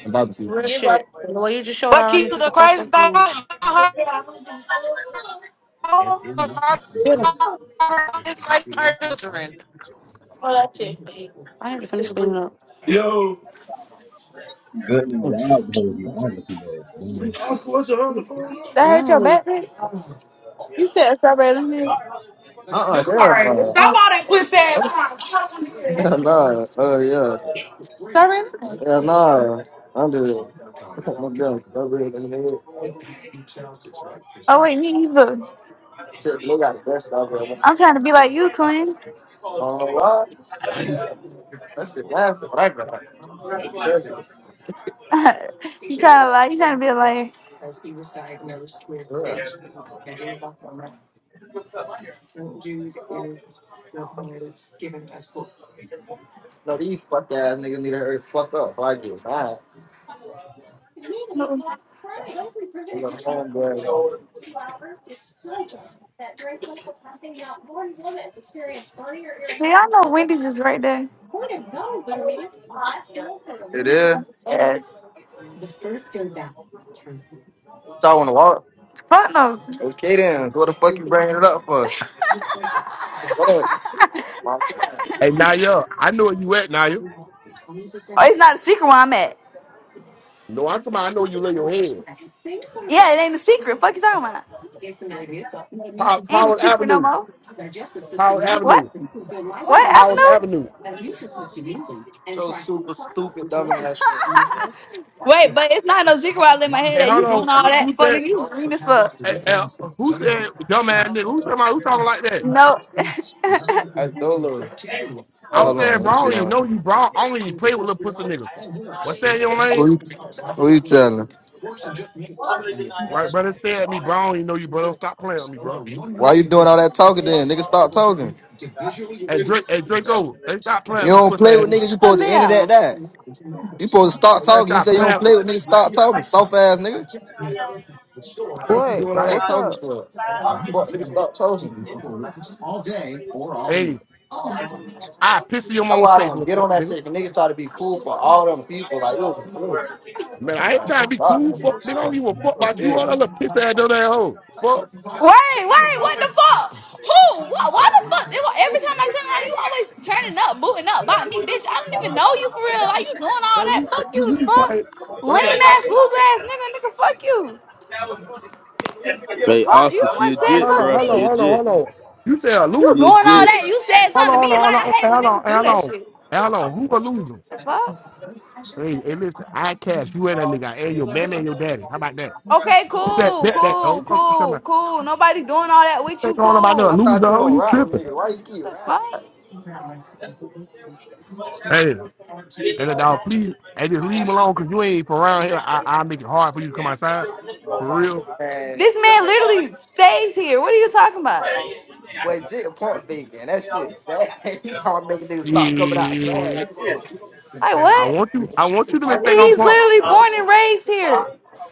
and barbecue. Real Give shit. The way you just showed But out on me, keep get the the fuck crazy away from thing, me. her Get him. like children. I have to finish cleaning up. Yo, Good night, Mm. y'all better be honest with her. Oscar, what you on the phone up? that. Mm. Uh-uh, hell Declare. no. Stop all that Oh, pussy ass crying. Get here. Hell no. Oh yeah. Hell no. I'm just I'm down. I'm real lemonade. oh wait, me either. Shit, They got the best stuff ever. I'm trying to be like you, twin. I don't know why. That shit laughing. What I got? Treasures. you trying to lie? You trying to be a liar? Yeah. No, these fuck ass niggas need to hurry fuck up. I get mad. You know, homeboy. Do y'all know Wendy's is right there? It is. Yeah. Y'all want to walk. Fuck no. Okay then. So what the fuck you bringing it up for? What? My friend. Hey, Naya, I know where you at, Naya. Oh, it's not a secret where I'm at. No, I'm talking about I know you lay your head. Yeah, it ain't a secret. Fuck you talking about? Pow- Ain't a Powers secret no Avenue. more. Powers What? Avenue. What Powers avenue? Avenue. So super stupid, dumb ass. Wait, but it's not no secret while I in my head Hey, that hold you doing on. all that Who for said, nigga. You green as fuck. hey, uh, who said, dumbass nigga? Who talking, about, who talking like that? No. I Dolo. Wait, I'm hold saying, on. bro, I What don't you even know on? you, bro. I don't even play with little pussy niggas. What's that your Who name, you, who you telling? Right, brother. Stay at me, bro. I don't even know you, bro. Don't stop playing with me, bro. Why you doing all that talking then? Nigga, stop talking. Hey, Drake, hey, Draco, hey, stop playing with You me, don't pussy play ass with niggas, nigga. you Come supposed to end it at here. that. You supposed to Hey, stop man, talking. You stop say you don't playing play with with niggas, stop talking. Soft ass nigga. What you What? me, doing all right? that What's talking up? for? Fuck nigga, stop talking. Hey, I piss in your That's mama's why I face, don't little get fuck, on that nigga. shit. Cause niggas try to be cool for all them people. Like, you was a fool. Man, I ain't Like, trying to be fuck cool, that, fuck, bro. nigga. I don't give a fuck You a about you, all bitch. that little piss ass down that hoe. Fuck. Wait, wait, what the fuck? Who? What? Why the fuck? They, wa- every time I turn around, you always turning up, booting up by me, bitch. I don't even know you for real. Like you doing all Man, that? you, Fuck you, you, you the be fuck. trying. What's up? Lame ass, loser ass nigga, nigga. Fuck you. The Hey, fuck? You Oscar, the she one a said jit, Hold on, something to bro. hold on, She me. a hold on, jit. hold on. You say a You She loser? a doing all jit. that? You said Hold on, something to hold me. on, Like hold on, I hold on, hate when niggas do hold that on. shit. Hold on, who a loser? The fuck? Hey, hey, listen, I cash you and that nigga and your mammy and your daddy. How about that? Okay, that cool, that that cool, old fuck you talking cool, about. cool. Nobody doing all that with You ain't you. going about Cool. there and I lose thought the you hoe, don't you rap with tripping. niggas. Why you keep the rapping? Fuck? Hey, and the dog, please, and just leave him alone because you ain't from around here. I I make it hard for you to come outside. For real. Man. This man literally stays here. What are you talking about? Boy, Jit pump fake, man. That shit sad. he talking making niggas stop coming out and bad Yeah. too. Like I what? want you I want you to make think I'm He's punk. literally born and raised here.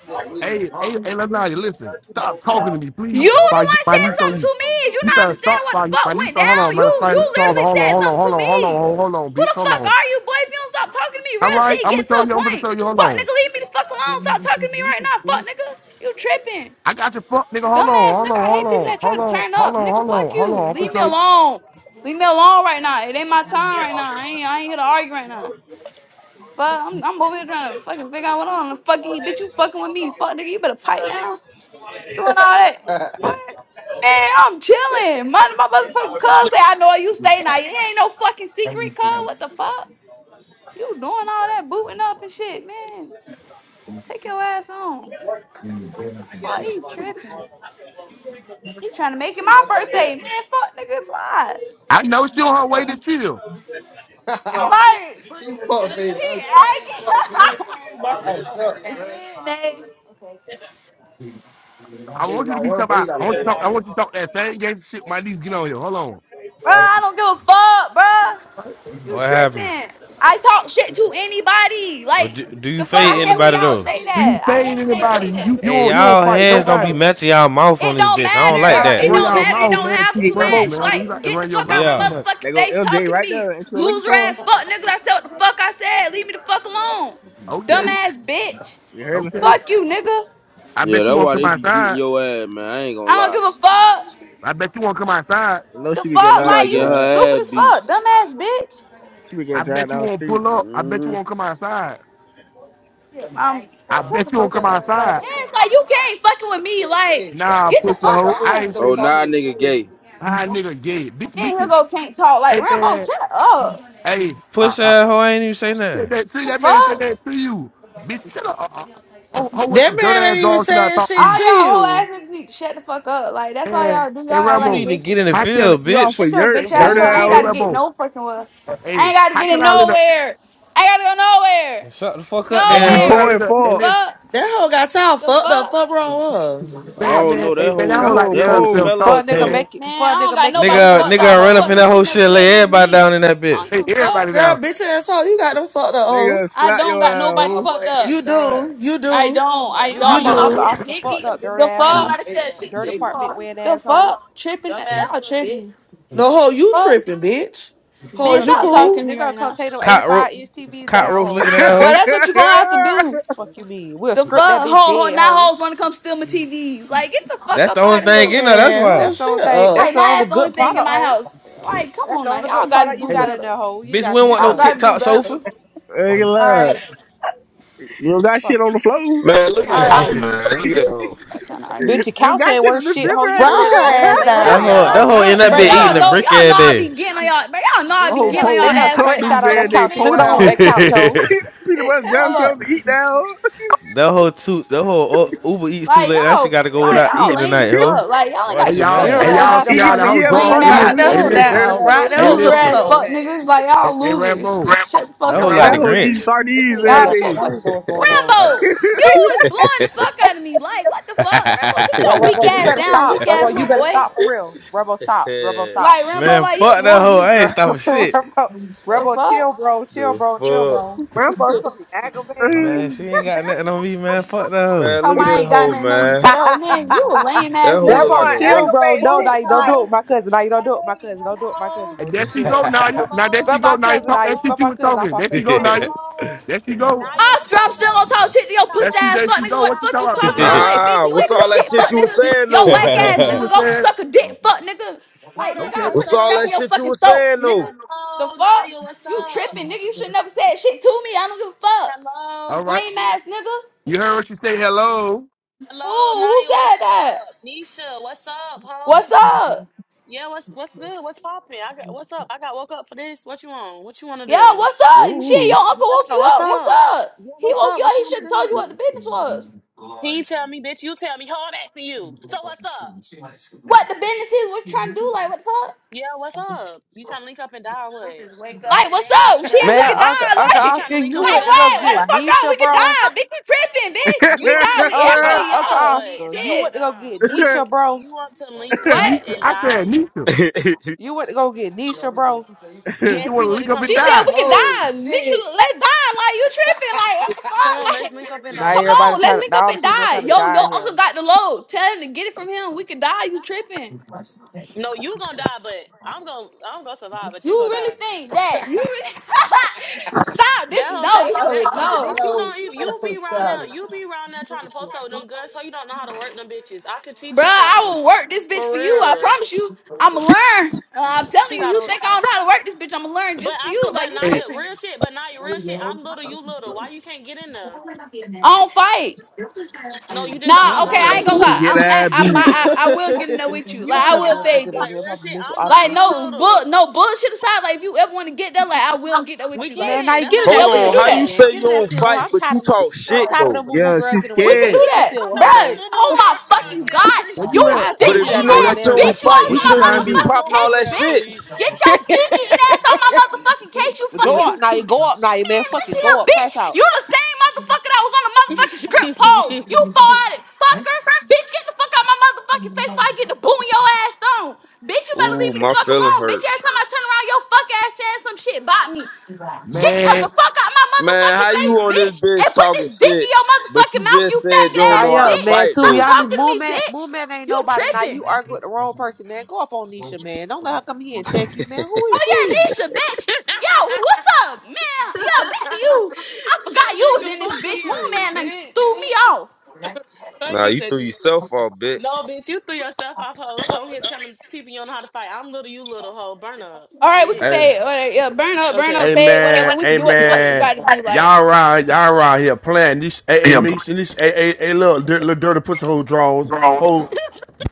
Jit, we Hey, hey, wrong. hey, let's not listen. Stop talking to me, please. You Before the one my said niece on something you. to me. Is you You not better understanding stop what by the fuck my niece went on. Hold down? on, You matter of you fact, literally hold on, said hold on, something to hold on, hold on, me. hold on, hold on, Who bitch. the Hold fuck on. are you, boy? If you don't stop talking to me, All real right, shit, I'm gonna get to show a you, I'm gonna point. show you, hold Fuck on. nigga, leave me the fuck alone. Stop talking to me right now. Fuck nigga. You tripping. I got your fuck, nigga. Hold on, Dumbass hold nigga, on, I hold hate people on, that try hold to on, turn hold up. on, Nigga, hold fuck on, hold you. on. I'm gonna Leave me show you. alone. Leave me alone right now. It ain't my time right now. I ain't I ain't here to argue right now. But I'm I'm over here trying to fucking figure out what on the fuck you bitch you fucking with me. Fuck nigga, you better pipe down. Doing all that. What? Man, I'm chilling. My my motherfucking cuz say I know where you stay now. It ain't no fucking secret, cuz. What the fuck? You doing all that booting up and shit, man. Take your ass on. Fuck, he tripping. He trying to make it my birthday, man. Fuck nigga, it's live. I know she on her way to chill. Like, You punk he me. acting. and then they, I Niggas want you to like be talking him, but he about. got I a want you to fit. talk. bro, I want you to talk that same game shit. My niece get on here. Hold on. I don't give a fuck, bro. You What happened? tripping? I talk shit to anybody. Or Like do, do you the I- fuck, fade I hate when anybody y'all though? say Do you that. I fade hate when they anybody? say You that. you Hey, don't you don't y'all fight hands don't be nobody. matching y'all mouth on It this don't bitch. I This don't guy like matter. like to that. It run Hey, don't y'all hey, matter. hey, It mouth, don't hey, man, have too hey, to much, Rambo. match. man. Like, You like to get the run your fuck out mouth my too Yeah. much. motherfucking They go face LJ talking to right me. there. Ain't you looking Loser for? ass fuck niggas. I said what the fuck I said. Leave me the fuck alone. Okay, Dumbass bitch. You heard me? okay. Fuck you, nigga. I Yeah, bet you that's won't why come they be beating outside. your ass, man. I ain't gonna I don't lie. give a fuck. I bet you won't come outside. You know The she be getting She fuck, her like ass like getting you dragged. her stupid ass as beat. fuck, dumbass bitch. She be I getting bet dragged you down the won't street. pull up. I bet you hmm won't come outside. Um, I shut bet the you won't fuck come up, Like, outside. it's like you can't fucking with me. Like, Nah, get the pussy fuck hoe. I on. ain't say Oh, that. nah, nigga gay. How nigga gay? Bitch, Then he'll bitch. go can't talk. Hey Like Rambo, man. shut up. Hey. Uh, Push uh, that hoe. I ain't even say say nothing. that, see The that man say fuck, that to you. Bitch, shut up. Uh, uh, oh, oh, with That some dirt man ass ain't even dogs should I saying talk all to shit me. to y'all whole ass you. niggas need to shut the fuck up. Like that's all Man, y'all do. Y'all hey act You like need Rambo. to bitches. get in the How can I field, You off bitch. for Shut hey, your yurt, hey The bitch hey, dirt ass up. fuck? I listen, ain't hey got out. to get Rambo. no fucking well. I Hey, ain't got to how get can in I let a nowhere. I gotta go Shut the fuck up, hey then, how You can hoe. I nowhere. poor Nowhere. let and a hey fuck. listen Fuck That hoe got y'all the fucked up. fuck. Fuck wrong with her. I man Y'all don't man know that tripping. hey man I whole That don't like to whole that hear whole pole. herself smell of For a talk, nigga herself. man. making for Man, I a don't nigga got making your nobody Nigga, fresh fucked fry up. nigga This run up hoe. fuck in that nigga should whole never shit and said lay nothing to everybody me. down in that I bitch. don't give Hey a fuck. everybody Girl, down. bitch ass hoe, you got them fucked up hoe. Nigga, I slap don't your got ass, nobody Nah, hoe. fucked boy, up. Get You it done. do, you I do, don't. I No, You you got don't. my You don't. up uncle do. here Oscar dick fucked eating. up, dirt The fuck? asshole. Ain't nobody said shit to Dirt apartment you. wearing The asshole. fuck? Tripping? Dumbass Y'all tripping? bitch. No hoe, you Fuck, tripping, bitch. Ho, man! is Nigga you Stop come take cool? talking to me nigga right come now. take them eighty Cockroach, five inch TVs down, cockroach hoe. looking at that Well, hoe. that's what you gonna have to do. Fuck you mean? We'll The script that fuck? bitch Ho, ho! dead, Now hoe. hoes wanna come steal my TVs. Like, get the fuck That's the up only out of here. thing in there. That's Man, ho, why. That's the shut only thing up. Like, that's now the only that's the only good thing in product, my hoe. house. Like, come That's on the now, only y'all good gotta product you do Hey got in better. there, hoe. You ain't Bitch, got we don't shit want no Y'all gotta else. do TikTok better. sofa. Nigga, All right, look. You don't got Fuck shit on the floor. Man, look at all that fuck you hoe, right. man. mean. Look at that hoe. That's not all right. You Bitch, your don't couch got ain't shit worth in the shit, hoe. You Ride done refrigerator. let them lay, her ass lay That down, down on hoe, the that y'all. hoe. Damn, hoe in Ride that that But bitch hoe y'all eating a know, down. brick y'all know every I be day. getting on y'all. But y'all know I A Bitch, be they whole getting done on pole they y'all done eating ass right cup scratched now. noodles out on Fuck, every that day, couch. man, po Nigga don't want hold on, out. that couch, hoe. Peanut butter and jelly hold up. sandwich to eat now. that whole too, that whole Uber eats too Like late. That shit y'all, got to go like without y'all eating lame tonight, as ho. fuck. Like y'all ain't Why hey got she shit y'all better You than don't mad? hey let them two y'all eat see up how all Eating the the your whole yellow food. draw Now lame hey you ass sausages gotta listen Ride and that order hey hoe you shit, bitches, some listen dirt down. food. motherfucking Ride out. that hey hoe trip to loser the on listen ass him, floor. fuck man. niggas. Like hey, y'all hey losers. Rambo. Shut the That fuck Hey whole up And like that the Rambo. whole talking to eat Grinch. me. We sardines can't have no Y'all I shut every the don't fuck. even know what's going on. Rambo, you is blowing the fuck out of me. Like what the fuck, Rambo? Sit Yeah, your weak Rubbo, you ass better down, stop. weak ass Rubbo, little you better boy. stop for real. Rubbo, stop. Rubbo, stop. Like Rambo, Man, like you fuck that blowing hoe. me. I ain't stopping shit. Rubbo, The Rubbo, fuck? chill, bro. Chill, the bro. Chill, fuck? bro. Rambo so aggravating. Man, she ain't got nothing on me, man. Fuck that hoe. Man, look Tom, at I this ain't got hoe, nothing on you man. for the whole man. You a lame That ass hoe That's look nigga. like Rubbo, why a chill, bro. roach. aggravating No, shit Oh, now you don't do like, it hello. with my cousin. Now you don't do it with my Hey, cousin. Don't do it with my cousin, hello. bro. And there Just she go, chill. Hey, Naya. Now there hello. she Spell go, my Naya. Hey, cousin Talk that out. hello. Spell shit you my was cousin off talking. my There she face, go, Hey, bro. Naya. hello. There she go. Naya, what's Oscar, I'm still gonna up? talk shit to I your got That pussy woke. she ass there fuck she I nigga. go. What the What you got fuck talking you woke about? up Put talking out of about? my. hoe. Like, bitch, Nah, you what's ain't What's do all up, that shit, shit fuck you Naya? was nigga. saying Yo, though? what whack Oh, that ass what's shit you nigga, was go saying? up? suck a dick, fuck nigga. Like, Hold up. nigga, I'll Okay. What's put What's this all strap that in your up? shit you fucking was throat, saying though? nigga. The Oh, fuck? Naya, what's You up? tripping, nigga. You should never said shit to me. I don't give a fuck. Hello. All right. Lame ass nigga. You heard what she say, hello. Who? Hello, Who Naya, what's said that? up? Nisha, what's up, What's ho? up? Yeah, what's what's good? What's poppin'? I got what's up? I got woke up for this. What you want? What you want to Yeah, do? what's day. up? Shit, your uncle woke Yeah, you what's up. What's up? up? Yeah, He what's woke up? you up. What you He should want have to told you do? what the business was. He tell me, bitch, you tell me, ho, I'm asking you. So what's up? what the business is, what you trying to do, like what the fuck? Yeah, what's up? You trying to link up and die or what? Like what's up? Shit, we Man, could Uncle, die, Uncle like, You trying Oscar, to link you up like and went to die go or what? What what? get the fuck up? Nisha, We could bro. die, bitch. We tripping, bitch. You We want to die. We link up to Oscar, everybody, die Uncle or what? yeah. Oscar, you Shit, went to go get we Nisha, bro. You want to link Ooh. up what? Nisha. and I said die? Nisha. You went to go get Nisha, bro. Nisha Yes, he wanna would lick have up come and She and said got die. we could me. die, bitch. you- Let's die, like you tripping, like what the Come on, fuck, let's link like. up and Now die. Come everybody on, let's trying to, link now up all the and females die. trying to Yo, yo, die in uncle here. got the load. Tell him to get it from him. We could die. You tripping. No, you gonna die, but I'm gonna I'm gonna survive, but You you gonna die. really think that? You really stop this? That No, whole That's thing, that this how no, no, bitch, you know don't even that's you so be around there, childish. you be around there trying to post up them guns, so you don't know how to work them bitches. I could teach Bruh, you I something. will work this bitch For for you. I real. promise you. I'ma learn. Uh, I'm telling She you, got you to. think I don't know how to work this bitch? I'ma learn But just for I you. saw, Like but you Hey, Naya, tripping? real shit. But Naya, real shit. I'm little, you little. Why you can't get in there? I don't fight. No, you just I don't don't know Nah, know okay, how I to. ain't gonna she I lie. what can getting I don't, teach I, her you. I, my, beat. I, I will that get in there is. with you. You Like I don't I know have will no how to. fade fucking you. Like idea. real Probably shit. miss with I'm little, Like Oscar. you no bull, little. no bullshit aside. Like if you ever want to get there, like I will get there with We you. Man, Like now can. you That's get what in I'm Hold yeah, that we could on, field do how with saying. her, you that. man. say you Get in that don't field with her. fight I'm but tired you of them. talk I'm shit tired of though? them moo moo Yeah, she girls We anyways, could man. do scared. Get in the that, field I'm with her, bro. not no bro. Oh moo moo my girl, fucking said god, Dree. where you you at? I'll dick But take Hey, you if you there, eating hey, know Naya, what's ass that man. you up, don't bitch! Fuck You Nisha? it, fight, always you What on you I'm my man. shouldn't even trying to be do? motherfucking popping not no damn moo all moo case, that girl, shit. bitch. Dree. Get your dick eating ass on my motherfucking case, you go fucking. up, Naya. Go up, Naya, man. Man, Fuck it. listen here, Go up. bitch. Crash out. You the same motherfucker that was on the motherfucking script pole. You farted, fucker. Bitch, get the fuck out my motherfucking face before I get to booing your ass on. Bitch, you better Ooh, leave me the my fuck feelings alone. Bitch, hurt. every time I turn around, your fuck ass saying some shit about me. Get up the Man, fuck out my Man, motherfucking how face, you on this bitch. bitch And put talking this dick in shit, your but motherfucking you mouth, you just said you faggot don't Nah, ass know how yeah, to bitch. man. fight To Stop be though. honest, talking to me, Moon Man, bitch. Moon Man ain't You nobody. Now tripping. you argue with the wrong person, man. Go up on Nisha, man. Don't let her come here and check you, man. Who is Oh yeah, she? Nisha, bitch. Yo, what's up, man? Yeah, back to you. I forgot you was Cedrica, in this fuck bitch. Moon you, man and bitch. threw me off. Fuck Nah, you, you threw Cedrica. yourself off, bitch. No, bitch, you threw yourself off hoes on here telling people you don't know how to fight. I'm little, you little hoe. Burn up, bitch. Hey, hey Okay, man, hey What the fuck we man, okay. gotta do, like y'all around, y'all around here playing this. Hey, hey, Misha, this. Hey, hey, hey, look, little dirty pussy hole draws. Ho,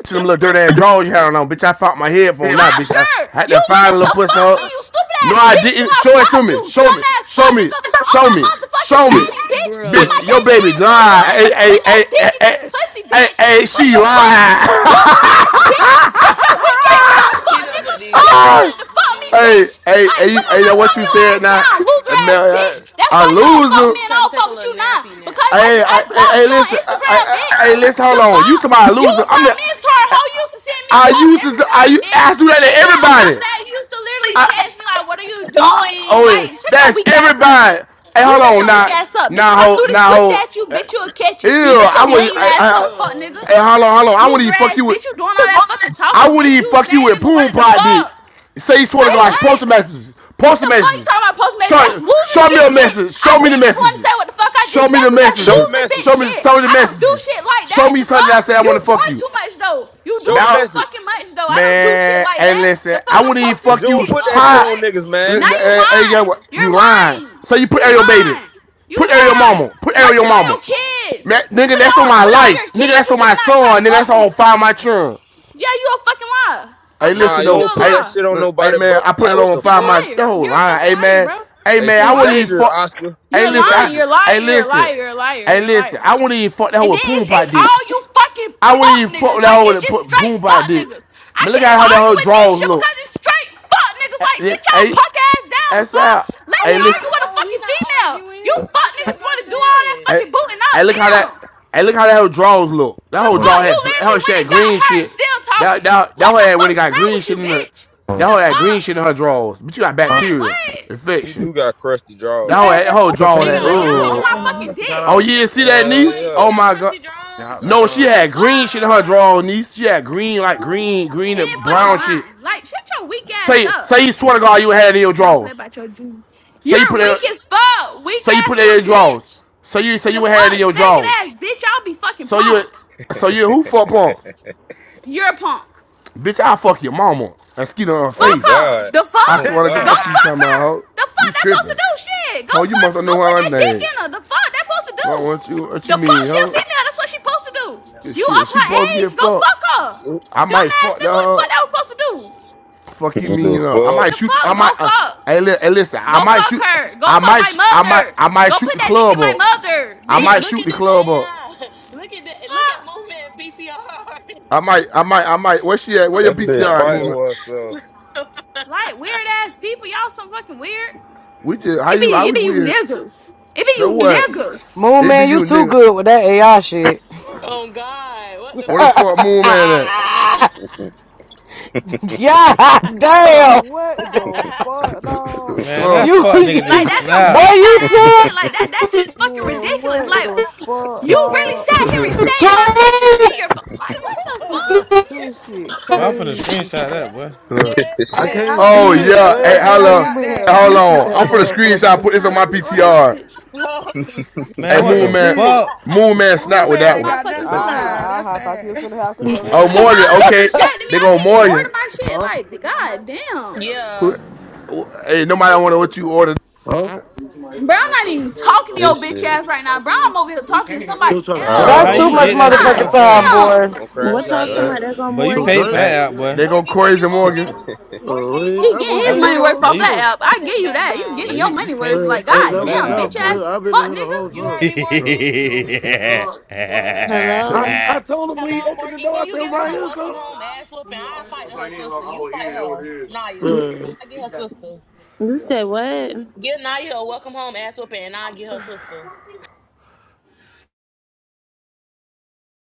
See them little dirty ass drawers you had on, bitch. I found my headphone. Nah, bitch. I, Oscar? I had You to find wanted a to little pussy. fuck me, you stupid No, ass I bitch, till didn't. I Show it to blocked you, me. Show me. dumbass Show fuck me. nigga. On Show my me. motherfucking Show me. daddy, bitch. On my Bitch, Bruh. your daddy baby hand, so you lying. wanted to Hey, put hey, that hey, dick hey, in hey, this pussy, hey, bitch. hey But she you couldn't, lying. loser ass bitch. Shut your weak ass up, She fuck done nigga. put these Bitch, you hey, wanted to headphones fuck me, in. hey, bitch. Like, Oh hey, come my on, hey, now that what calm you your god. said ass down now? loser Uh, Man, ass bitch. I, That's I why you don't fuck I loser. with me just and I trying to don't take fuck a with you little now. nappy Because now. I, Hey, I I, hey, blocked hey, you on listen. I, I, Instagram, bitch. hey, listen. Hold The on. You fuck? somebody a You loser. was I'm my the. mentor. How you used to send me I quotes used every to. I I morning, u- bitch. I do that And to then on top of everybody. that, you used to literally text me like, what are you doing? Oh, yeah. Like, shut your that's weak ass up, everybody. bitch. Hey, You hold shut on, your weak now, ass up, bitch. If now, I hold, threw this now, pussy hold. at you, Uh, bitch, you'll catch Ew, it. She Shut thinks I your she's would. lame I, ass I, up, fuck special. nigga. hey, hold on, hold on. I wouldn't Loser even fuck ass, you with. bitch. You doing all that fucking I talking, wouldn't bitch. even You the fuck you same with nigga poom wanted the pot dick. fuck. Say you swear to Like God, post the what? messages. Post the The fuck you messages. talking about postmates? That's Show, loser show me the shit, bitch. message. I Show me the didn't even want to say messages. what the fuck I Show just me said the because that's Show the messages. loser bitch Show message. me shit. some of the I don't do messages. shit like that. Show me The something that fuck? I say I You want to fuck doing you. too much though. You Show the doing Mal, too message. fucking much though. I don't do shit man, like hey, that. listen, The fuck I I'm wouldn't even posting Cause you fuck don't you shit. put for? that like shit Hi, on what? niggas, man. Now you Hey, hey, yeah, lying. what- you You're lying. lying. So you put You Ariel baby. lying. You Put Ariel lying. mama. Put Ariel Merchant on mama. your kids. Man, nigga, Put it that's on on my put it on life. your Nigga, kids. that's You on my did not try son. to Nigga, fuck that's me. on Find My Children. Yeah, you a fucking liar. I Hey, Nah, listen promise you you, you though. don't a put Hey, that liar. shit on hey nobody, man, bro. I put Like it what on the You're Find a My fuck? liar. Yo You're a line. fucking Hey liar, man. bro. Hey Hey, man, You're I she wouldn't even lying. dangerous, fuck. Oscar. Hey, You're She listen. I, lying. You're dangerous. a liar. hey, You're a listen. liar. You're a liar. Hey, You're a listen. liar. I wouldn't even fuck that And hoe then with Poon it's, Pot it's dick. all you fucking I wouldn't fuck even fuck with niggas. that Like hoe it's that just put straight boom by fuck dick. niggas. I Man, look can't at even how that whole argue with drawers Nisha look. because it's straight fuck niggas. Like Hey, sit y'all hey, punk ass down. the that's Fuck. out. Let I Hey, me was not listen. argue with a oh, we fucking not female. You arguing. I fuck said niggas what I want to do all that said. Hey, fucking booting hey, out. look how Damn. that. Hey, look how that whole drawers look. That The whole What's fuck. draw You had that whole literally shit went had and got green her and shit. still That talking. that that What whole the had when it fuck is got wrong green with shit you, in the. bitch? going That on? The whole had green shit fuck? in her drawers. But you got Uh, Like bacteria what? She infection. do got crusty That drawers. whole, wow. that whole the drawer She had. fan, Like got I, crusty y'all on I, Ugh. my I, he fucking must draws. have got Oh dick. off. yeah, see that Hold Uh on, niece? wait. yeah. She Oh got my god. crusty They draws. hop back No, Oh she on. The my had green shit fuck? in her god. drawers, niece. She had green like green, Come green on, and Dead fucking brown nah. shit. lying. Like shut your weak ass Say up. say you swear to God you had it in your Y'all play drawers. about your dude. Say you You're put it weak as fuck. Weak say you put ass it in your little drawers. bitch. So you say The you had it fuck? in your drawers. Faggot ass bitch. Y'all be fucking So you punks. so you who fuck punks? You're a punk. Bitch, I fuck your mama and skeet on her Oh Fuck face. her. God. The I fuck? Oh swear to God, Go God. fuck you Yeah! fuck talking about her. hoe. The fuck You that supposed tripping. to do? Shit. Go Ho, you must fuck her. Go know put how I that dick name. in her. The fuck that supposed to do? What you what you The fuck mean, she a ho? female. That's what she supposed to do. Yeah, You Shit, up she her supposed to get age? Go fucked. fuck her. I might Dumbass fuck that nigga. What the hoe. fuck that was supposed to do? Fuck you mean? the Uh, I fuck? might The shoot. I fuck? might. Go Uh, fuck. hey, li- hey, listen. I Go might fuck shoot. her. Go I fuck might. my Sh- I might. mother. I might Go shoot put the that dick club in my up. mother, I might Look bitch. shoot at the this club up. AI. Look at the, look at Fuck. moving I might. I might. I might. Where she at? Where your That bitch PTR. PTR fighting movement? with herself. Like weird ass people. Y'all some fucking weird. We just how It be you how it we be you weird. niggas. It be So you what? niggas. Moon It be man, you, you too nigga. good with that AI shit. oh God, what the Where the fuck? fuck moon man at? God Girl, damn. what the fuck, dog? man, that Fuck. You fuck niggas is Like that's some boy, snout. fanned you out ass too shit. Like that that's just fucking Man, ridiculous. what Like the fuck, you really dog? sat oh here and my saved my God. too picture in your phone. Like what the Oh fuck? This shit But I'm finna crazy. screenshot that, boy. I Hey, i yes. done can't Oh Oh beat you my see to it. the yeah. God. Where Hey, What is that nigga punch. I hello. that? move got man a Hey, that. hold beast with on. that I'm for the Oh screenshot. motherfucker. Put shit. this Now on my let me order my PTR. picture. Oh shit. Hey, Man, I what moon can't the man. see it. fuck, Moon man snap Boom, with man that ain't one. My got nothing fucking but food. time. Aha, That's aha. Thought you was sad. finna have control of the Oh Morgan. No, room. they Okay. distracted me. They I going can't even order Morgan. my shit. Huh? Like god damn. Who? yeah. Hey, nobody want to know what you ordered. Huh? You Bro, was trying to I'm not even talking to your This bitch shit. ass right now, bro. I'm over here talking to somebody bro? Nah, serve How else. That's don't me too you much did crash Morgan, that out shit so God motherfucking now. time, fast? Morgan, damn. boy. Don't crash What out y'all talking now. Morgan, about? There go But you some paid Morgan, for drink? Morgan. can Hey, you that out, boy. they go Morgan, can Corey's you and go with me to Morgan. Morgan, Oh, can you go wait, He with I me to getting was fight his That, in here money the Naya? worth whole but Cause off she you, that time. got a app. I sister in give the you that. You background. getting well, your you, you money worth. paid, Man, you Like, I paid god for never that damn, bitch out, left. boy. Yeah, ass I've been in fuck here the whole nigga. You time. heard me, Morgan? I, Hello. I told him when he Hello, opened the Morgan. door, Can I you said, I'm give right her a here, welcome cuz. home ass whooping? I fight her sister. You fight her, Naya. You Well, I get her sister. you said what? Give Naya a welcome home ass whooping, and I get her sister.